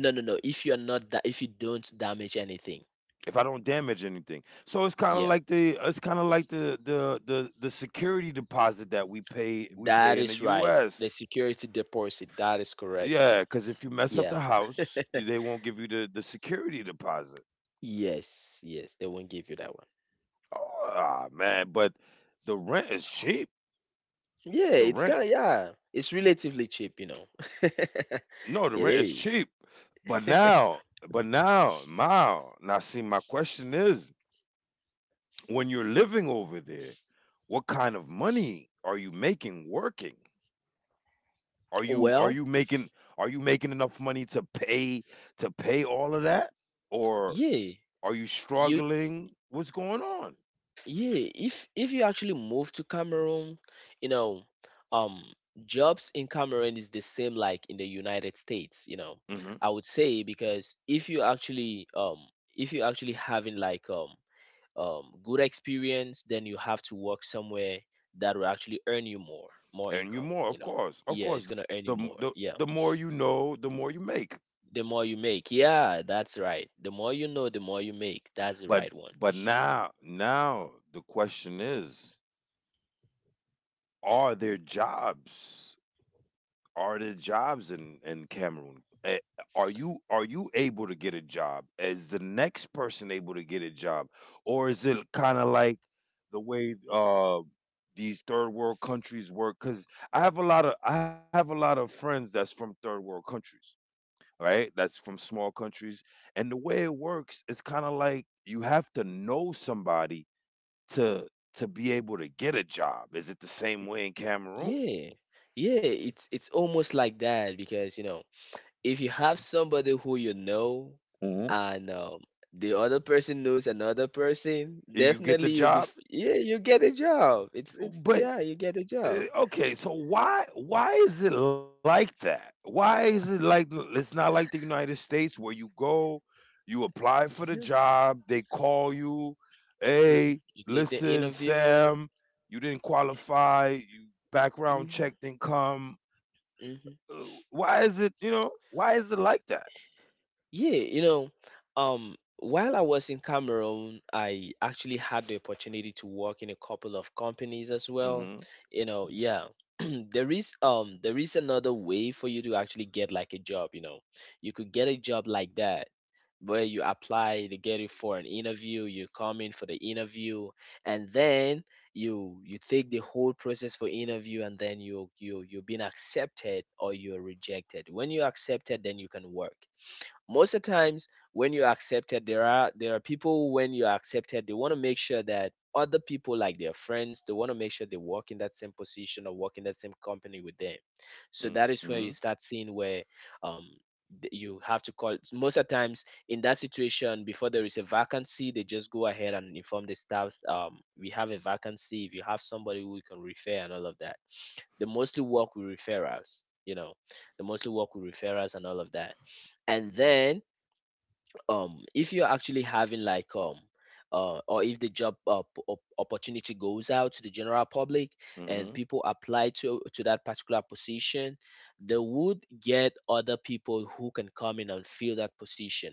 S2: No, no, no, if you're not that, if you don't damage anything.
S1: if I don't damage anything. So it's kind of
S2: Yeah,
S1: like the, it's kind of like the security deposit that we
S2: that
S1: pay in the
S2: is right, the
S1: U.S.
S2: security deposit, that is
S1: Yeah,
S2: correct.
S1: because if you mess up the
S2: Yeah.
S1: house, they won't give you the security deposit.
S2: Yes, yes, they won't give you that one.
S1: Oh, man, but the rent is cheap.
S2: Yeah,
S1: The
S2: it's kind
S1: rent
S2: of, yeah, it's relatively cheap, you know. It
S1: No, the rent is cheap,
S2: is.
S1: but now see, my question is, when you're living over there, what kind of money are you making working? Are you are you
S2: Well,
S1: making are you making enough money to pay all of that? Or
S2: yeah,
S1: are you
S2: you.
S1: struggling? What's going on?
S2: Yeah, if you actually move to Cameroon, you know, um, jobs in Cameroon is the same like in the United States, you know.
S1: Mhm.
S2: I would say because if you actually, um, if you actually having like, um, um, good experience, then you have to work somewhere that will actually earn you more
S1: And you
S2: income,
S1: more, of
S2: you know.
S1: course. Of
S2: Yeah,
S1: course,
S2: it's
S1: the
S2: gonna
S1: m
S2: earn you
S1: the
S2: more.
S1: the
S2: Yeah,
S1: more you know, the more you make.
S2: the more you make. Yeah, that's right, the more you know, the more you make, that's the
S1: But
S2: right one.
S1: but now the question is: are there jobs? Are there jobs in Cameroon? Eh, are you able to get a job? Is the next person able to get a job, or is it kind of like the way these third world countries work? Because I have a lot of friends that's from third world countries, right? That's from small countries, and the way it works, it's kind of like you have to know somebody to to be able to get a job. Is it the same way in Cameroon?
S2: Yeah. Yeah, it's almost like that, because you know, if you have somebody who you know
S1: Mhm.
S2: and, the other person knows another person,
S1: And you get the
S2: definitely you'll be
S1: job.
S2: yeah, you get a job. It's
S1: But
S2: yeah, you get a job.
S1: okay, so why is it like that? Why is it like It's not like the United States where you go, you apply for the
S2: Yeah.
S1: job, they call you,
S2: Hmm.
S1: "Hey,
S2: You take the
S1: listen,
S2: interview.
S1: Sam, you didn't qualify, you background
S2: Mm-hmm.
S1: check didn't come." Uh,
S2: Mm-hmm.
S1: Why is it, you know, why is it like that?
S2: Yeah, you know, while I was in Cameroon, I actually had the opportunity to work in a couple of companies as well.
S1: Mhm.
S2: You know, yeah. There is, there is another way for you to actually get like a job, you know. You could get a job like that where you apply to get it for an interview, you come in for the interview, and then you take the whole process for interview, and then you've been accepted or you're rejected. When you're accepted, then you can work most of the times. When you're accepted, there are people. When you're accepted, they want to make sure that other people, like their friends, they want to make sure they work in that same position or work in that same company with them. So that
S1: Mhm.
S2: is where you start seeing where, um, you have to call most of the times in that situation. Before there is a vacancy, they just go ahead and inform the staffs, um, we have a vacancy, if you have somebody who we can refer and all of that. They mostly work with referrals, you know, they mostly work with referrals and all of that. And then, um, if you're actually having like, um, or if the job, opportunity goes out to the general public, and
S1: Mhm.
S2: people apply to that particular position, they would get other people who can come in and fill that position.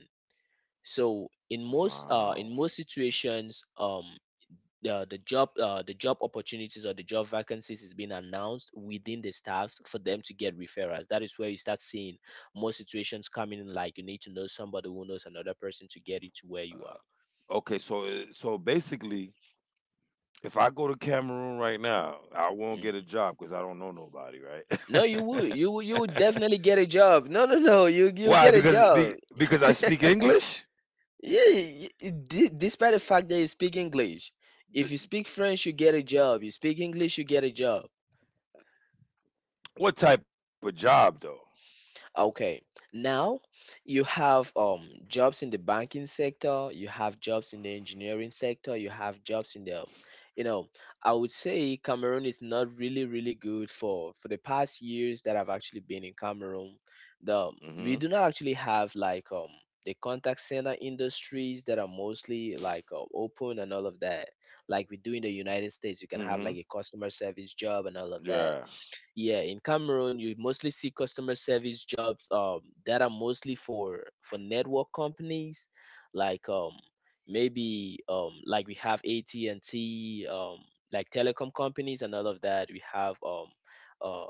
S2: So in most,
S1: Wow.
S2: in most situations, um, the job, the job opportunities or the job vacancies is being announced within the staffs for them to get referrals. That is where you start seeing more situations coming in, like you need to know somebody who knows another person to get you to where you
S1: Uh,
S2: are.
S1: okay, so basically, if I go to Cameroon right now, I won't get a
S2: Mhm.
S1: job because I don't know nobody,
S2: No,
S1: right?
S2: you would definitely get a job. No, no, no,
S1: Why?
S2: you get a job.
S1: Because I speak English.
S2: Yeah, despite the fact that you speak English. If
S1: Th-
S2: you speak French, you get a job. You speak English, you get a job.
S1: What type of job though?
S2: Okay. Now you have, um, jobs in the banking sector, you have jobs in the engineering sector, you have jobs in the, you know, I would say Cameroon is not really good for the past years that I've actually been in Cameroon. The,
S1: Hmm.
S2: we do not actually have like, um, the contact center industries that are mostly like, open and all of that. Like we do in the United States, you can have
S1: Hmm.
S2: like a customer service job and all of that.
S1: Yeah.
S2: Yeah, in Cameroon you mostly see customer service jobs, that are mostly for network companies like, um, maybe, um, like we have at&t, um, like telecom companies and all of that. We have, um, uh,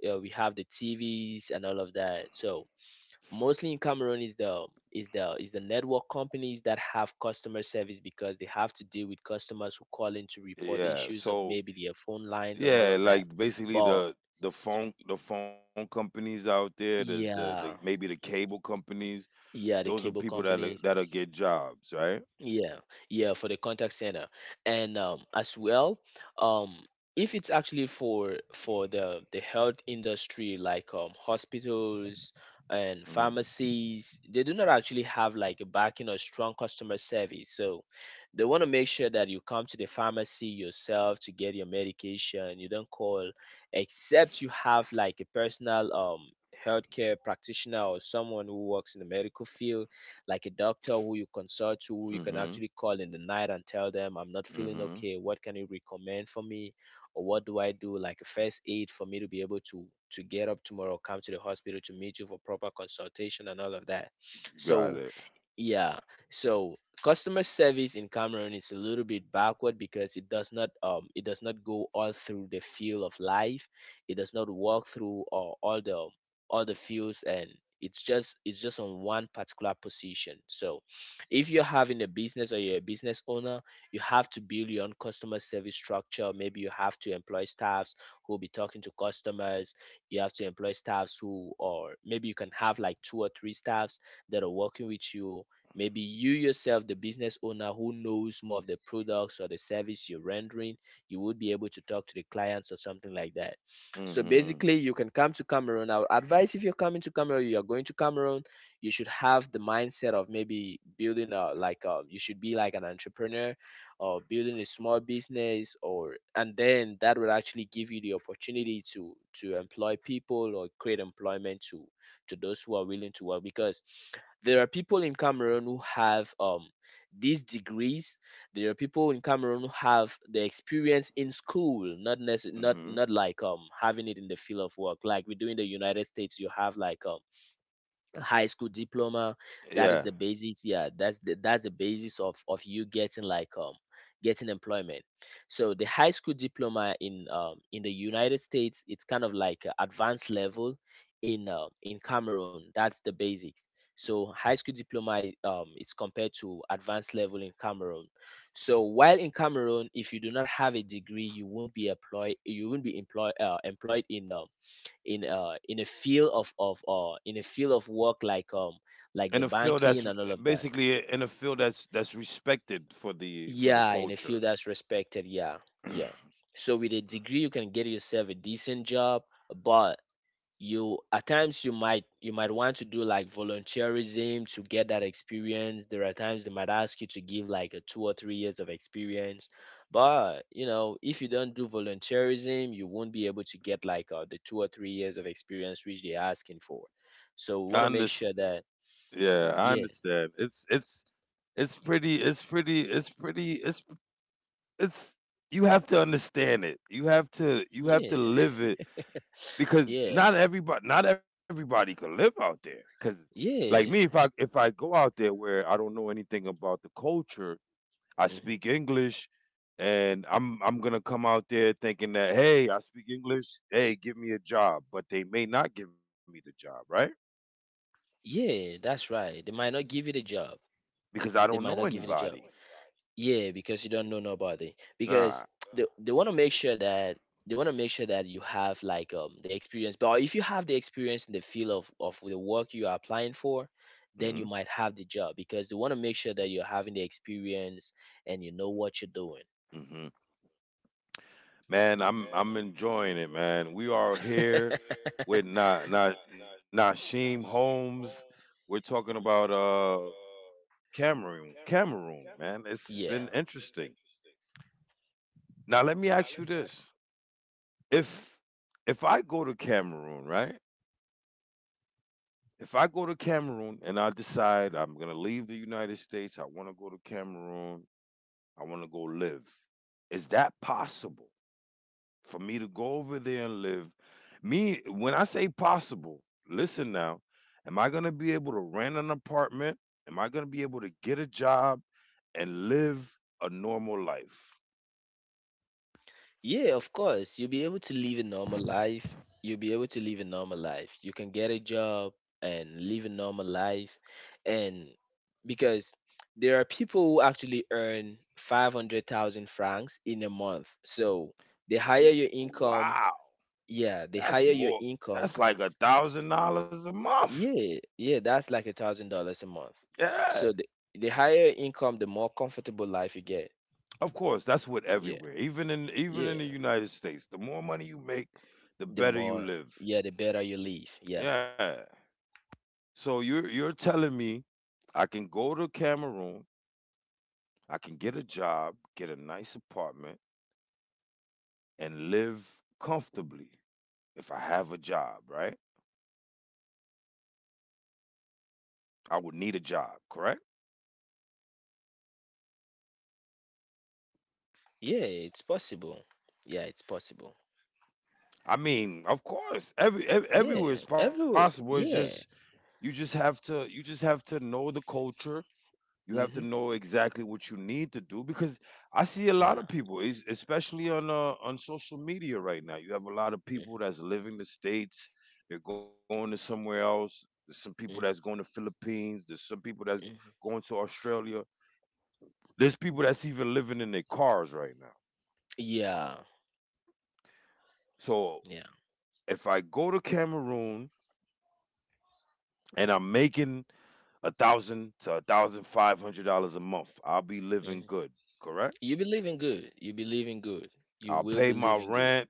S2: yeah, we have the tvs and all of that. So mostly in Cameroon is the, is the network companies that have customer service, because they have to deal with customers who call in to report
S1: Yeah.
S2: issues of
S1: So
S2: maybe their phone lines and all
S1: yeah,
S2: of that.
S1: like basically
S2: But
S1: the phone companies out there, the
S2: yeah.
S1: maybe the cable companies.
S2: Yeah, the
S1: Those are
S2: cable
S1: people
S2: company.
S1: that'll get jobs, right?
S2: Yeah, yeah, for the contact center. And, um, as well, um, if it's actually for the health industry like, um, hospitals and
S1: hmm
S2: pharmacies, they do not actually have like a backing or strong customer service. So they want to make sure that you come to the pharmacy yourself to get your medication. You don't call, except you have like a personal, um, healthcare practitioner, or someone who works in the medical field, like a doctor who you consult to, who you can
S1: hmm
S2: actually call in the night and tell them, I'm not feeling
S1: hmm
S2: okay. What can you recommend for me? Or what do I do? Like a first aid for me to be able to get up tomorrow, come to the hospital to meet you for proper consultation and all of that.
S1: You got
S2: So
S1: it.
S2: yeah. So customer service in Cameroon is a little bit backward because it does not, um, it does not go all through the field of life. It does not walk through, all the fields, and it's just, on one particular position. So if you're having a business or you're a business owner, you have to build your own customer service structure. Maybe you have to employ staffs who will be talking to customers. You have to employ staffs who or maybe you can have like two or three staffs that are working with you. Maybe you yourself, the business owner who knows more of the products or the service you're rendering, you would be able to talk to the clients or something like that. So
S1: Hmm
S2: basically, you can come to Cameroon. I would advise if you're coming to Cameroon, you are going to Cameroon, you should have the mindset of maybe building a like a, you should be like an entrepreneur or building a small business or and then that will actually give you the opportunity to employ people or create employment to those who are willing to work because there are people in Cameroon who have these degrees. There are people in Cameroon who have the experience in school, not
S1: hmm
S2: like having it in the field of work. Like we do in the United States, you have like high school diploma,
S1: Yeah,
S2: that is the basis, yeah, that's the basis of you getting like getting employment. So the high school diploma in the United States, it's kind of like a advanced level in Cameroon, that's the basics. So high school diploma is compared to advanced level in Cameroon. So while in Cameroon, if you do not have a degree, you won't be employed, you won't be employed employed in a field of in a field of work
S1: in a
S2: like the
S1: field that's
S2: banking and all of that.
S1: basically in a field that's respected for the
S2: Yeah, in a
S1: culture.
S2: field that's respected. Yeah, yeah. So with a degree, you can get yourself a decent job, but you at times you might, you might want to do like volunteerism to get that experience. There are times they might ask you to give like a 2 or 3 years of experience, but you know if you don't do volunteerism you won't be able to get like the 2 or 3 years of experience which they're asking for.
S1: I
S2: So we want to
S1: understand.
S2: make sure that,
S1: Yeah, I
S2: yeah.
S1: understand. It's pretty. It's pretty. It's pretty. It's it's. You have to understand it. You have to you have to
S2: Yeah.
S1: live it because
S2: Yeah.
S1: not everybody can live out there. Because like me, if
S2: Yeah.
S1: I if I go out there where I don't know anything about the culture, I
S2: Mhm.
S1: speak English, and I'm gonna come out there thinking that, hey, I speak English, hey, give me a job, but they may not give me the job, right?
S2: Yeah, that's right, they might not give you the job.
S1: Because I don't
S2: They might
S1: know
S2: not give you the job.
S1: anybody.
S2: Yeah, because you don't know nobody. Because
S1: Nah.
S2: they want to make sure that you have like the experience. But if you have the experience in the field of the work you are applying for,
S1: hmm
S2: then you might have the job because they want to make sure that you're having the experience and you know what you're doing.
S1: hmm Man, I'm enjoying it, man. We are here with Nashim Holmes. We're talking about Cameroon, Cameroon, man. It's
S2: Yeah.
S1: been interesting. Now let me ask you this: if if I go to Cameroon, right? If I go to Cameroon and I decide I'm gonna leave the United States, I want to go to Cameroon, I want to go live. Is that possible for me to go over there and live? Me, when I say possible, listen now. Am I gonna be able to rent an apartment? Am I gonna be able to get a job and live a normal life?
S2: Yeah, of course. You'll be able to live a normal life. You'll be able to live a normal life. You can get a job and live a normal life. And because there are people who actually earn 500,000 francs in a month. So the higher
S1: The,
S2: your income,
S1: wow,
S2: yeah, the
S1: that's
S2: higher your
S1: more.
S2: income,
S1: That's like $1,000 a month.
S2: yeah, yeah, that's like $1,000 a month.
S1: Yeah.
S2: So the higher income, the more comfortable life you get.
S1: Of course, that's what
S2: Yeah,
S1: everywhere, even
S2: yeah.
S1: in the United States, the more money you make, the
S2: The
S1: better
S2: more,
S1: you live.
S2: yeah, the better you live. Yeah.
S1: Yeah. So you're telling me I can go to Cameroon, I can get a job, get a nice apartment, and live comfortably if I have a job, right? I would need a job, correct?
S2: Yeah, it's possible. Yeah, it's possible.
S1: I mean, of course, everywhere
S2: Yeah,
S1: is possible.
S2: everywhere.
S1: It's just
S2: Yeah.
S1: you just have to know the culture. You have to
S2: Hmm.
S1: know exactly what you need to do because I see a lot
S2: Yeah.
S1: of people, especially on social media right now. You have a lot of people
S2: Hmm.
S1: that's living the states. They're going to somewhere else. There's some people that's going
S2: Hmm.
S1: to Philippines. There's some people that's
S2: Hmm.
S1: going to Australia. There's people that's even living in their cars right now.
S2: Yeah.
S1: So
S2: Yeah.
S1: if I go to Cameroon and I'm making a thousand to $1,500 a month, I'll be living
S2: Hmm.
S1: good. Correct.
S2: You believe in good. You believe in good. You
S1: I'll
S2: will
S1: pay my
S2: believe in good.
S1: rent.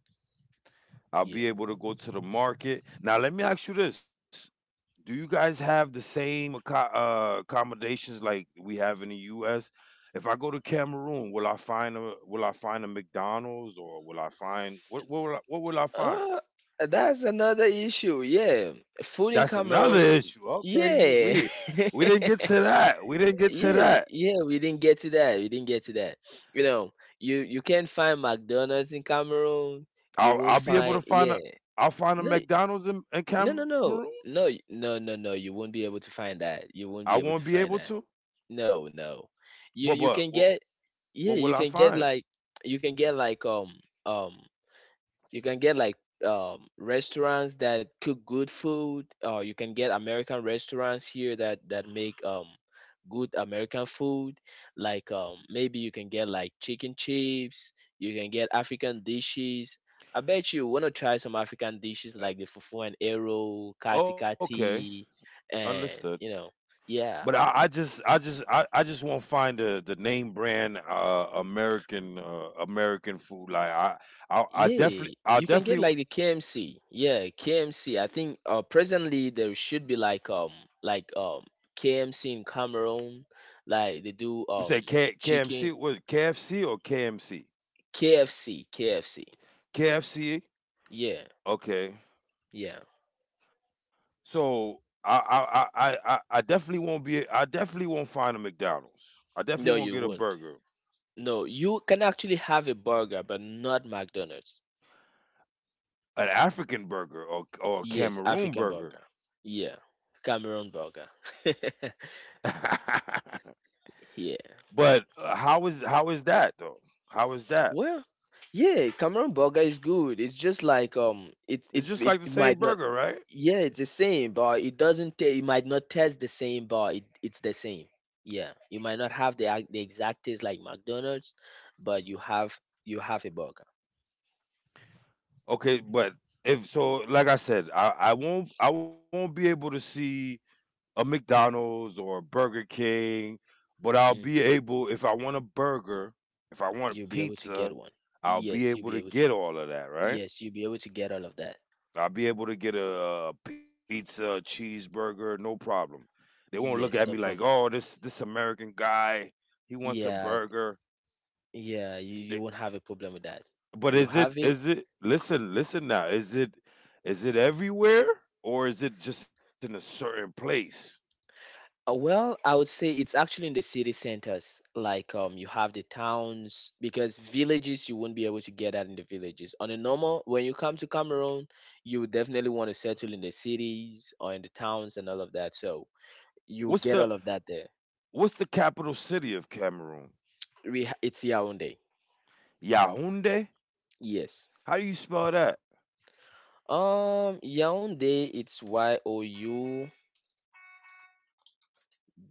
S1: I'll
S2: Yeah.
S1: be able to go to the market. Now, let me ask you this. Do you guys have the same accommodations like we have in the U.S.? If I go to Cameroon, will I find a, will I find a McDonald's, or will I find what, what will I find?
S2: Uh, that's another issue. Yeah.
S1: That's
S2: Food in
S1: another
S2: Cameroon.
S1: issue. Okay, you we
S2: Yeah.
S1: didn't get to that. We didn't get to
S2: Yeah.
S1: that.
S2: Yeah. We didn't get to that. We didn't get to that. You know, you can't find McDonald's in Cameroon. You
S1: I'll
S2: won't
S1: I'll be able
S2: find.
S1: to find
S2: Yeah.
S1: a, I'll find a
S2: No.
S1: McDonald's in
S2: No, no,
S1: Cameroon.
S2: no, no, no, no, no. You won't be able to find that. You
S1: I
S2: won't be
S1: won't be
S2: able to
S1: able
S2: find
S1: to.
S2: that. No, no. You
S1: But
S2: can
S1: what
S2: get,
S1: what
S2: yeah.
S1: will
S2: You
S1: I
S2: can get
S1: find?
S2: like, you can get like um um you can get like restaurants that cook good food, or you can get American restaurants here that make good American food. Like maybe you can get like chicken chips. You can get African dishes. I bet you wanna try some African dishes like the fufu and arrow, kati
S1: Okay,
S2: kati,
S1: understood.
S2: and you know,
S1: But
S2: yeah.
S1: I just won't find the name brand American American food. Like I
S2: Yeah,
S1: definitely, I
S2: you can get
S1: definitely.
S2: like the KMC. Yeah, KMC. I think presently there should be like KMC in Cameroon, like they do
S1: You say K, KMC,
S2: chicken.
S1: was it KFC or KMC?
S2: KFC, KFC.
S1: KFC.
S2: Yeah,
S1: Okay.
S2: yeah.
S1: So I I definitely won't be. I definitely won't find a McDonald's. I
S2: No,
S1: definitely won't
S2: you
S1: get a
S2: won't.
S1: burger,
S2: No, you can actually have a burger, but not McDonald's.
S1: an African burger, or a
S2: Yes,
S1: Cameroon
S2: African
S1: burger.
S2: burger. Yeah, Cameroon burger. Yeah.
S1: but how is, how is that though? How is that?
S2: Well, yeah, Cameron burger is good. It's just like
S1: It's just
S2: it
S1: like the same
S2: might not.
S1: burger, right?
S2: Yeah, it's the same, but it doesn't. It might not taste the same, but it's the same. Yeah, you might not have the exact taste like McDonald's, but you have a burger.
S1: Okay, but if so, like I said, I won't, I won't be able to see a McDonald's or a Burger King, but I'll be
S2: Mhm.
S1: able, if I want a burger, if I want
S2: You'll be able to get
S1: pizza,
S2: one.
S1: I'll be
S2: Yes, you'll
S1: able
S2: be
S1: to
S2: able to.
S1: get all of that, right?
S2: Yes, you'll be able to get all of that.
S1: I'll be able to get a pizza, a cheeseburger, no problem. They won't look at me
S2: Yes, no
S1: like,
S2: problem.
S1: oh, this American guy, he wants a
S2: Yeah,
S1: burger.
S2: yeah, you
S1: They...
S2: won't have a problem with that.
S1: But
S2: You have it.
S1: is it listen, listen now, is it everywhere, or is it just in a certain place?
S2: Well, I would say it's actually in the city centers. Like you have the towns because villages you won't be able to get that in the villages. On a normal when you come to Cameroon, you would definitely want to settle in the cities or in the towns and all of that. So
S1: What's
S2: you
S1: the,
S2: get all of that there.
S1: what's the capital city of Cameroon?
S2: It's Yaoundé.
S1: Yaoundé?
S2: Yes.
S1: How do you spell that?
S2: Yaoundé, it's Y O U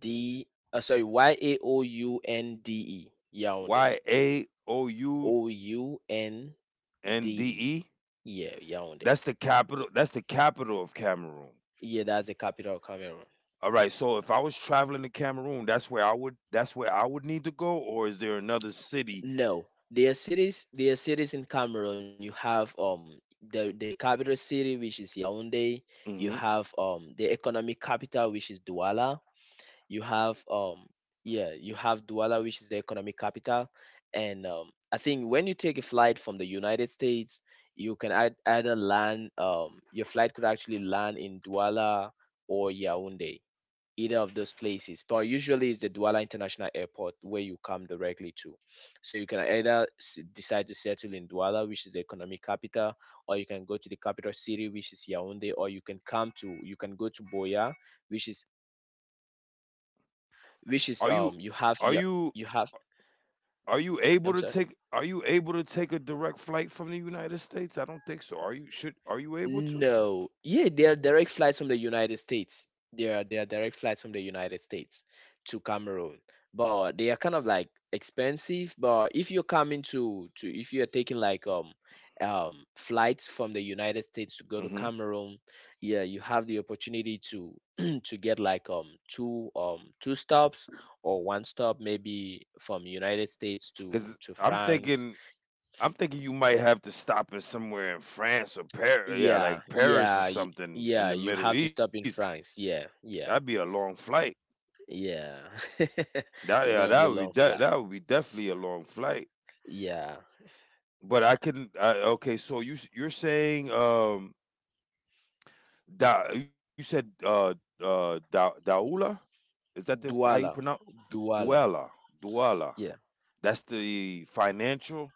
S2: D, sorry, Yaoundé. Yaoundé.
S1: Y A O U
S2: O U N
S1: N D
S2: D E.
S1: E?
S2: Yeah, Yaoundé.
S1: That's the capital, that's the capital of Cameroon.
S2: Yeah, that's the capital of Cameroon.
S1: All right, so if I was traveling to Cameroon, that's where I would, that's where I would need to go, or is there another city?
S2: No, there are cities. There are cities in Cameroon. You have the capital city, which is Yaoundé. You
S1: Mm-hmm.
S2: have the economic capital, which is Douala. You have yeah, you have Douala, which is the economic capital. And I think when you take a flight from the United States, you can either land. Your flight could actually land in Douala or Yaoundé, either of those places. But usually it's the Douala International Airport where you come directly to. So you can either decide to settle in Douala, which is the economic capital, or you can go to the capital city, which is Yaoundé, or you can come to, you can go to Boya, which is
S1: Are you
S2: you have,
S1: are
S2: yeah,
S1: you
S2: you have.
S1: are you able
S2: I'm
S1: to
S2: sorry.
S1: take, are you able to take a direct flight from the United States? I don't think so. Are you, should, are you able to?
S2: No. Yeah, there are direct flights from the United States. There are direct flights from the United States to Cameroon. But they are kind of like expensive. But if you're coming to, if you're taking like flights from the United States to go to
S1: Mhm.
S2: Cameroon, yeah, you have the opportunity to to get like two two stops or one stop maybe from United States
S1: Cuz
S2: to
S1: I'm
S2: France.
S1: thinking, I'm thinking you might have to stop in somewhere in France or Paris, yeah,
S2: Yeah,
S1: like Paris or
S2: yeah,
S1: something in
S2: yeah.
S1: the
S2: You
S1: Middle
S2: have to
S1: East.
S2: stop in France. Yeah,
S1: That'd be a
S2: yeah,
S1: long flight.
S2: yeah.
S1: That, yeah,
S2: It's gonna
S1: that
S2: be
S1: would
S2: a
S1: be
S2: long
S1: that that
S2: flight.
S1: would be definitely a long flight.
S2: Yeah,
S1: But I can, I, okay, so you're saying, you said Daula? Is that the, how you
S2: Douala,
S1: pronounce, Du
S2: Douala.
S1: Douala, Douala.
S2: Yeah,
S1: That's the financial.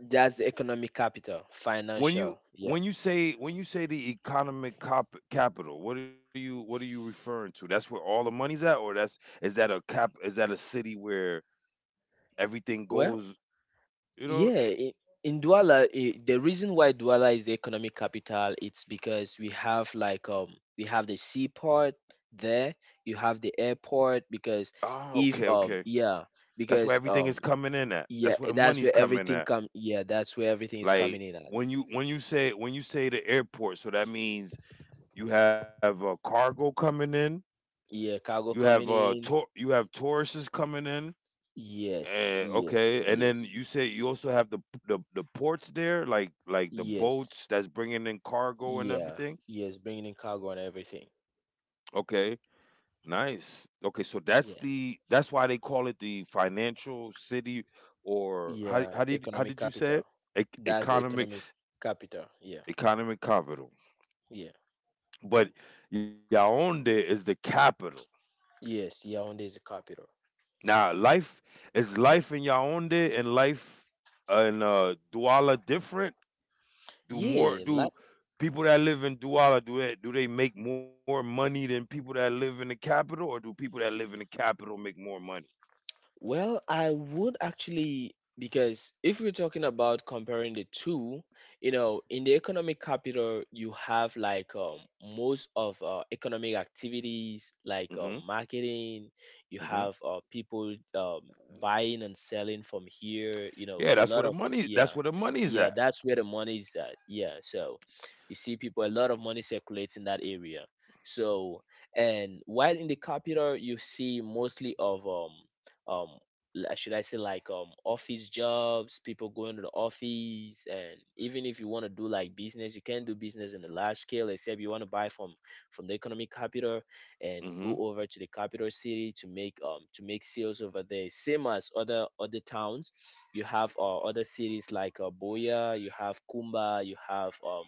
S2: that's the economic capital,
S1: When
S2: financial.
S1: you
S2: Yeah.
S1: when you say when you say the economic cop capital, what are you, what are you referring to? That's where all the money's at, or that's, is that a cap? Is that a city where everything
S2: Well,
S1: goes? You know?
S2: yeah. In Douala, I the reason why Douala is the economic capital, it's because we have like we have the seaport there. You have the airport because
S1: Oh, okay,
S2: if
S1: okay.
S2: yeah,
S1: That's where
S2: because
S1: everything is coming in at.
S2: yeah,
S1: That's where the
S2: that's
S1: money's
S2: where
S1: coming
S2: everything
S1: at.
S2: come. Yeah, that's where everything is
S1: Like
S2: coming in at.
S1: when you say the airport, so that means you have cargo coming in.
S2: Yeah,
S1: You
S2: cargo
S1: have
S2: coming in.
S1: Tau, you have Tauruses coming in.
S2: Yes,
S1: Eh,
S2: yes,
S1: okay, and then
S2: yes,
S1: you say you also have the, the ports there, like the
S2: yes,
S1: boats that's bringing in cargo and
S2: yeah,
S1: everything.
S2: yes, bringing in cargo and everything.
S1: Okay, nice. Okay, so that's
S2: Yeah,
S1: the, that's why they call it the financial city, or how
S2: yeah,
S1: how did, how
S2: economic
S1: did you say
S2: capital.
S1: it?
S2: That's the
S1: Economic,
S2: economic capital. Yeah,
S1: economic capital.
S2: yeah,
S1: But Yaounde is the capital.
S2: yes, yeah, Yaoundé is the capital.
S1: Now, life, is life in Yaoundé and life in Douala different? Do more
S2: Yeah,
S1: do
S2: like.
S1: People that live in Douala, do that, do they make more money than people that live in the capital, or do people that live in the capital make more money?
S2: Well, I would actually, because if we're talking about comparing the two, you know, in the economic capital, you have like most of economic activities
S1: Hmm
S2: like marketing, you
S1: hmm
S2: have people buying and selling from here, you know,
S1: Yeah,
S2: a
S1: that's where
S2: lot
S1: the
S2: of,
S1: money.
S2: yeah,
S1: That's where the money's
S2: yeah,
S1: at.
S2: that's where the money is at. Yeah. So you see people, a lot of money circulates in that area. So, and while in the capital, you see mostly of, um should I say like office jobs, people going to the office, and even if you want to do like business, you can do business in a large scale, except you want to buy from the economic capital
S1: Hmm
S2: and go over to the capital city to make sales over there. Same as other towns, you have other cities like Boya, you have Kumba, you have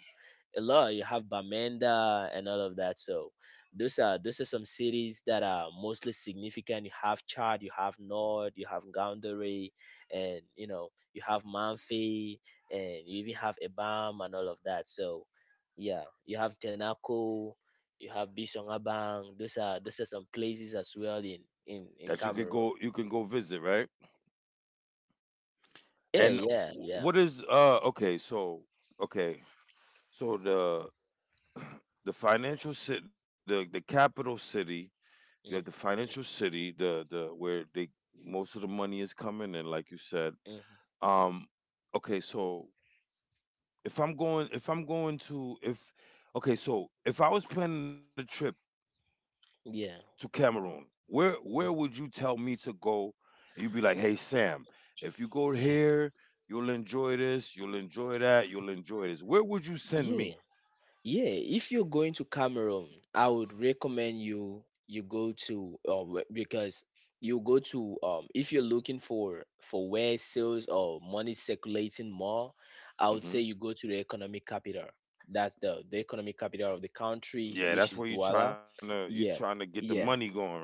S2: a lot, you have Bamenda and all of that. So those are some cities that are mostly significant. You have Chad, you have Nord, you have Goundary, and you know you have Manfi, and you even have Ebam and all of that. So yeah, you have Tenako, you have Bisongabang. Those are some places as well in
S1: That you
S2: in
S1: can go.
S2: Cameroon.
S1: You can go visit, right?
S2: Yeah,
S1: And w-
S2: yeah, yeah.
S1: what is uh? Okay, so okay, so the financial city, the capital city. You have the
S2: Mm,
S1: financial city, the, where they, most of the money is coming in, like you said.
S2: mhm.
S1: Um, okay, so if I'm going to, if okay, so if I was planning a trip to
S2: Yeah.
S1: Cameroon, where
S2: Mhm.
S1: would you tell me to go? And you'd be like, hey Sam, if you go
S2: Yeah.
S1: here, you'll enjoy this, you'll enjoy that, you'll enjoy this. Where would you send
S2: Yeah.
S1: me?
S2: Yeah, if you're going to Cameroon, I would recommend you, go to because you go to if you're looking for where sales or money circulating more, I would
S1: Mm-hmm.
S2: say you go to the economic capital. That's the economic capital of the country,
S1: Yeah,
S2: which
S1: that's
S2: is
S1: where you trying
S2: Douala.
S1: to, you trying to
S2: Yeah,
S1: get the money
S2: yeah.
S1: going, right?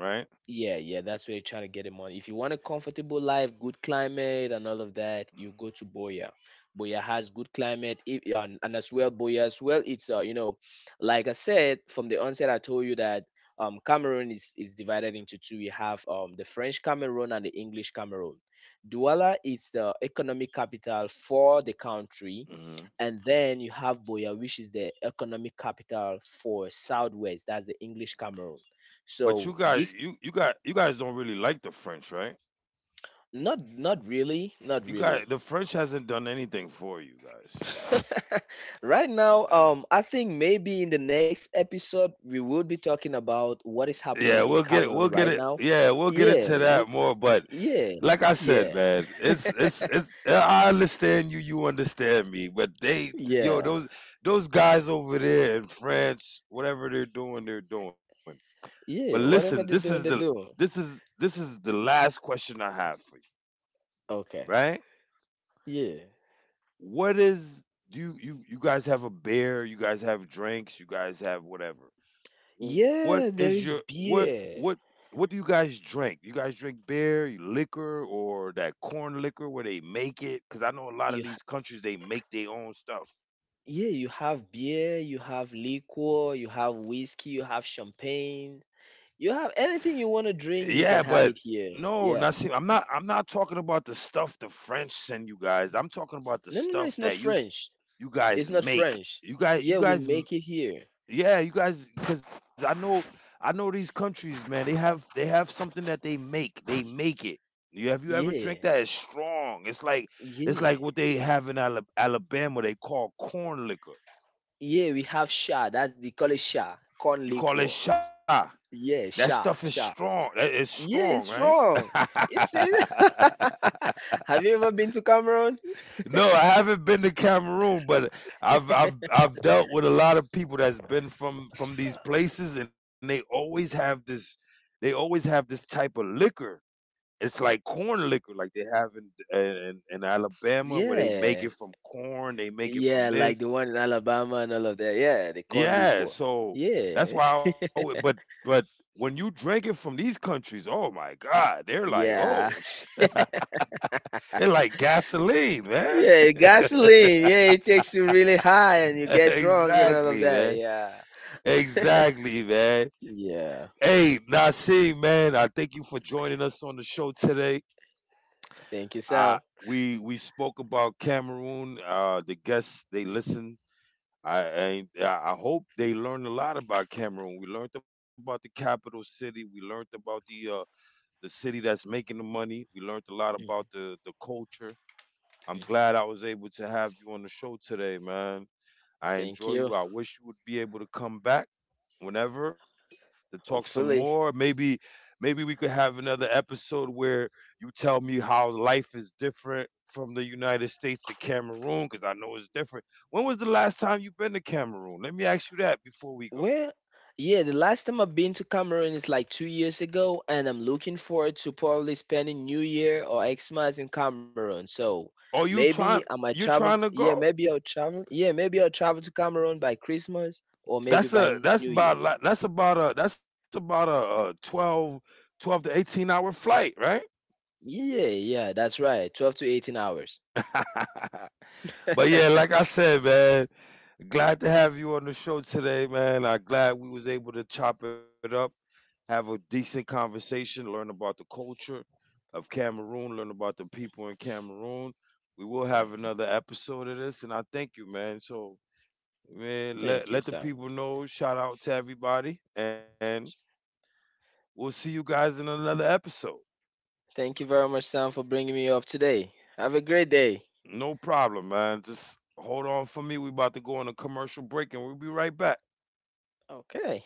S2: Yeah, yeah, that's where you're trying to get him on. If you want a comfortable life, good climate, and all of that, you go to Boya. Boya has good climate, and, as well, Boya as well. It's you know, like I said from the onset, I told you that Cameroon is divided into two. We have the French Cameroon and the English Cameroon. Douala is the economic capital for the country,
S1: hmm
S2: and then you have Boya, which is the economic capital for Southwest. That's the English Cameroon.
S1: But you guys,
S2: So this.
S1: you guys don't really like the French, right?
S2: Not not really, not
S1: You
S2: really.
S1: got, the French hasn't done anything for you guys.
S2: Right now,
S1: Uh,
S2: I think maybe in the next episode we will be talking about what is
S1: Yeah, we'll
S2: happening in
S1: get it. We'll
S2: Cameroon
S1: get it.
S2: right now.
S1: Yeah, we'll get into
S2: Yeah,
S1: that more. But
S2: yeah,
S1: like I said,
S2: yeah,
S1: man, it's it's. I understand you. You understand me. But they, yo,
S2: yeah,
S1: those guys over there in France, whatever they're doing, they're doing. But
S2: yeah.
S1: listen, this
S2: Whatever
S1: is
S2: they're
S1: the,
S2: doing, they do.
S1: this is the last question I have for you,
S2: Okay.
S1: right?
S2: Yeah.
S1: What is, do you, you, you guys have a beer, you guys have drinks, you guys have whatever. What is
S2: Yeah,
S1: your,
S2: there is beer.
S1: what do you guys drink? You guys drink beer, liquor, or that corn liquor where they make it? Because I know a lot of
S2: You ha-
S1: these countries they make their own stuff.
S2: yeah, you have beer, you have liquor, you have whiskey, you have champagne. You have anything you want to drink,
S1: Yeah,
S2: you can
S1: but
S2: have it here.
S1: no, not
S2: Yeah.
S1: see. I'm not talking about the stuff the French send you guys. I'm talking about the
S2: No, no, no, it's
S1: stuff
S2: not
S1: that you
S2: French.
S1: You
S2: It's
S1: guys
S2: not
S1: make,
S2: French.
S1: you
S2: Yeah, we
S1: guys
S2: make it here.
S1: yeah, you guys, because I know, I know these countries, man, they have, they have something that they make, they make it. You have, you ever drink
S2: Yeah,
S1: that? It's strong. It's like, it's like
S2: yeah,
S1: what they have in Alabama. They call corn liquor.
S2: yeah. We have sha. That they call it sha. Corn
S1: You call it
S2: liquor.
S1: sha. That
S2: Yeah,
S1: stuff is
S2: sha, sha.
S1: strong. It's strong,
S2: Yeah, it's
S1: right?
S2: strong. It's in. Have you ever been to Cameroon?
S1: No, I haven't been to Cameroon, but I've dealt with a lot of people that's been from these places, and they always have this, they always have this type of liquor. It's like corn liquor, like they have in, in Alabama, where they make
S2: Yeah,
S1: it from corn, they make it
S2: yeah,
S1: from
S2: like
S1: this.
S2: the one in Alabama and all of that. Yeah, the corn
S1: Yeah,
S2: liquor.
S1: so that's
S2: Yeah,
S1: why. I, alwa- but When you drink it from these countries, oh my God, they're like, oh,
S2: yeah,
S1: shit, it's like gasoline, man.
S2: yeah. Gasoline. Yeah, it takes you really high and you get drunk and all of
S1: exactly,
S2: that.
S1: man.
S2: Yeah,
S1: Exactly, man.
S2: yeah.
S1: Hey, Nassim, man, I thank you for joining us on the show today.
S2: Thank you,
S1: Uh,
S2: Sam.
S1: we spoke about Cameroon. The guests, they listened. I and I I hope they learned a lot about Cameroon. We learned about the capital city. We learned about the city that's making the money. We learned a lot
S2: Mhm.
S1: about the culture. I'm glad I was able to have you on the show today, man. I
S2: Thank
S1: enjoy
S2: you.
S1: you. I wish you would be able to come back whenever to talk some more.
S2: Hopefully.
S1: Maybe maybe we could have another episode where you tell me how life is different from the United States to Cameroon, cuz I know it's different. When was the last time you been to Cameroon? Let me ask you that before we go.
S2: Well, yeah, the last time I've been to Cameroon is like 2 years ago, and I'm looking forward to probably spending New Year or Xmas in Cameroon. So
S1: Are you
S2: maybe I
S1: trying,
S2: might
S1: you're
S2: travel.
S1: trying to
S2: Yeah,
S1: go?
S2: maybe I'll travel. Yeah, maybe I'll travel to Cameroon by Christmas or maybe
S1: That's
S2: by New
S1: a,
S2: Year.
S1: that's about a, 12 twelve to 18 hour flight, right?
S2: Yeah, yeah, that's right. 12 to 18 hours.
S1: but yeah, like I said, man, glad to have you on the show today, man. I'm glad we was able to chop it up, have a decent conversation, learn about the culture of Cameroon, learn about the people in Cameroon. We will have
S2: Hmm.
S1: another episode of this, and I thank you, man. So, man,
S2: Thank
S1: let,
S2: you,
S1: let the
S2: Sam.
S1: people know. Shout out to everybody, and we'll see you guys in another episode.
S2: Thank you very much, Sam, for bringing me up today. Have a great day.
S1: No problem, man. Just hold on for me. We about to go on a commercial break, and we'll be right back.
S2: Okay.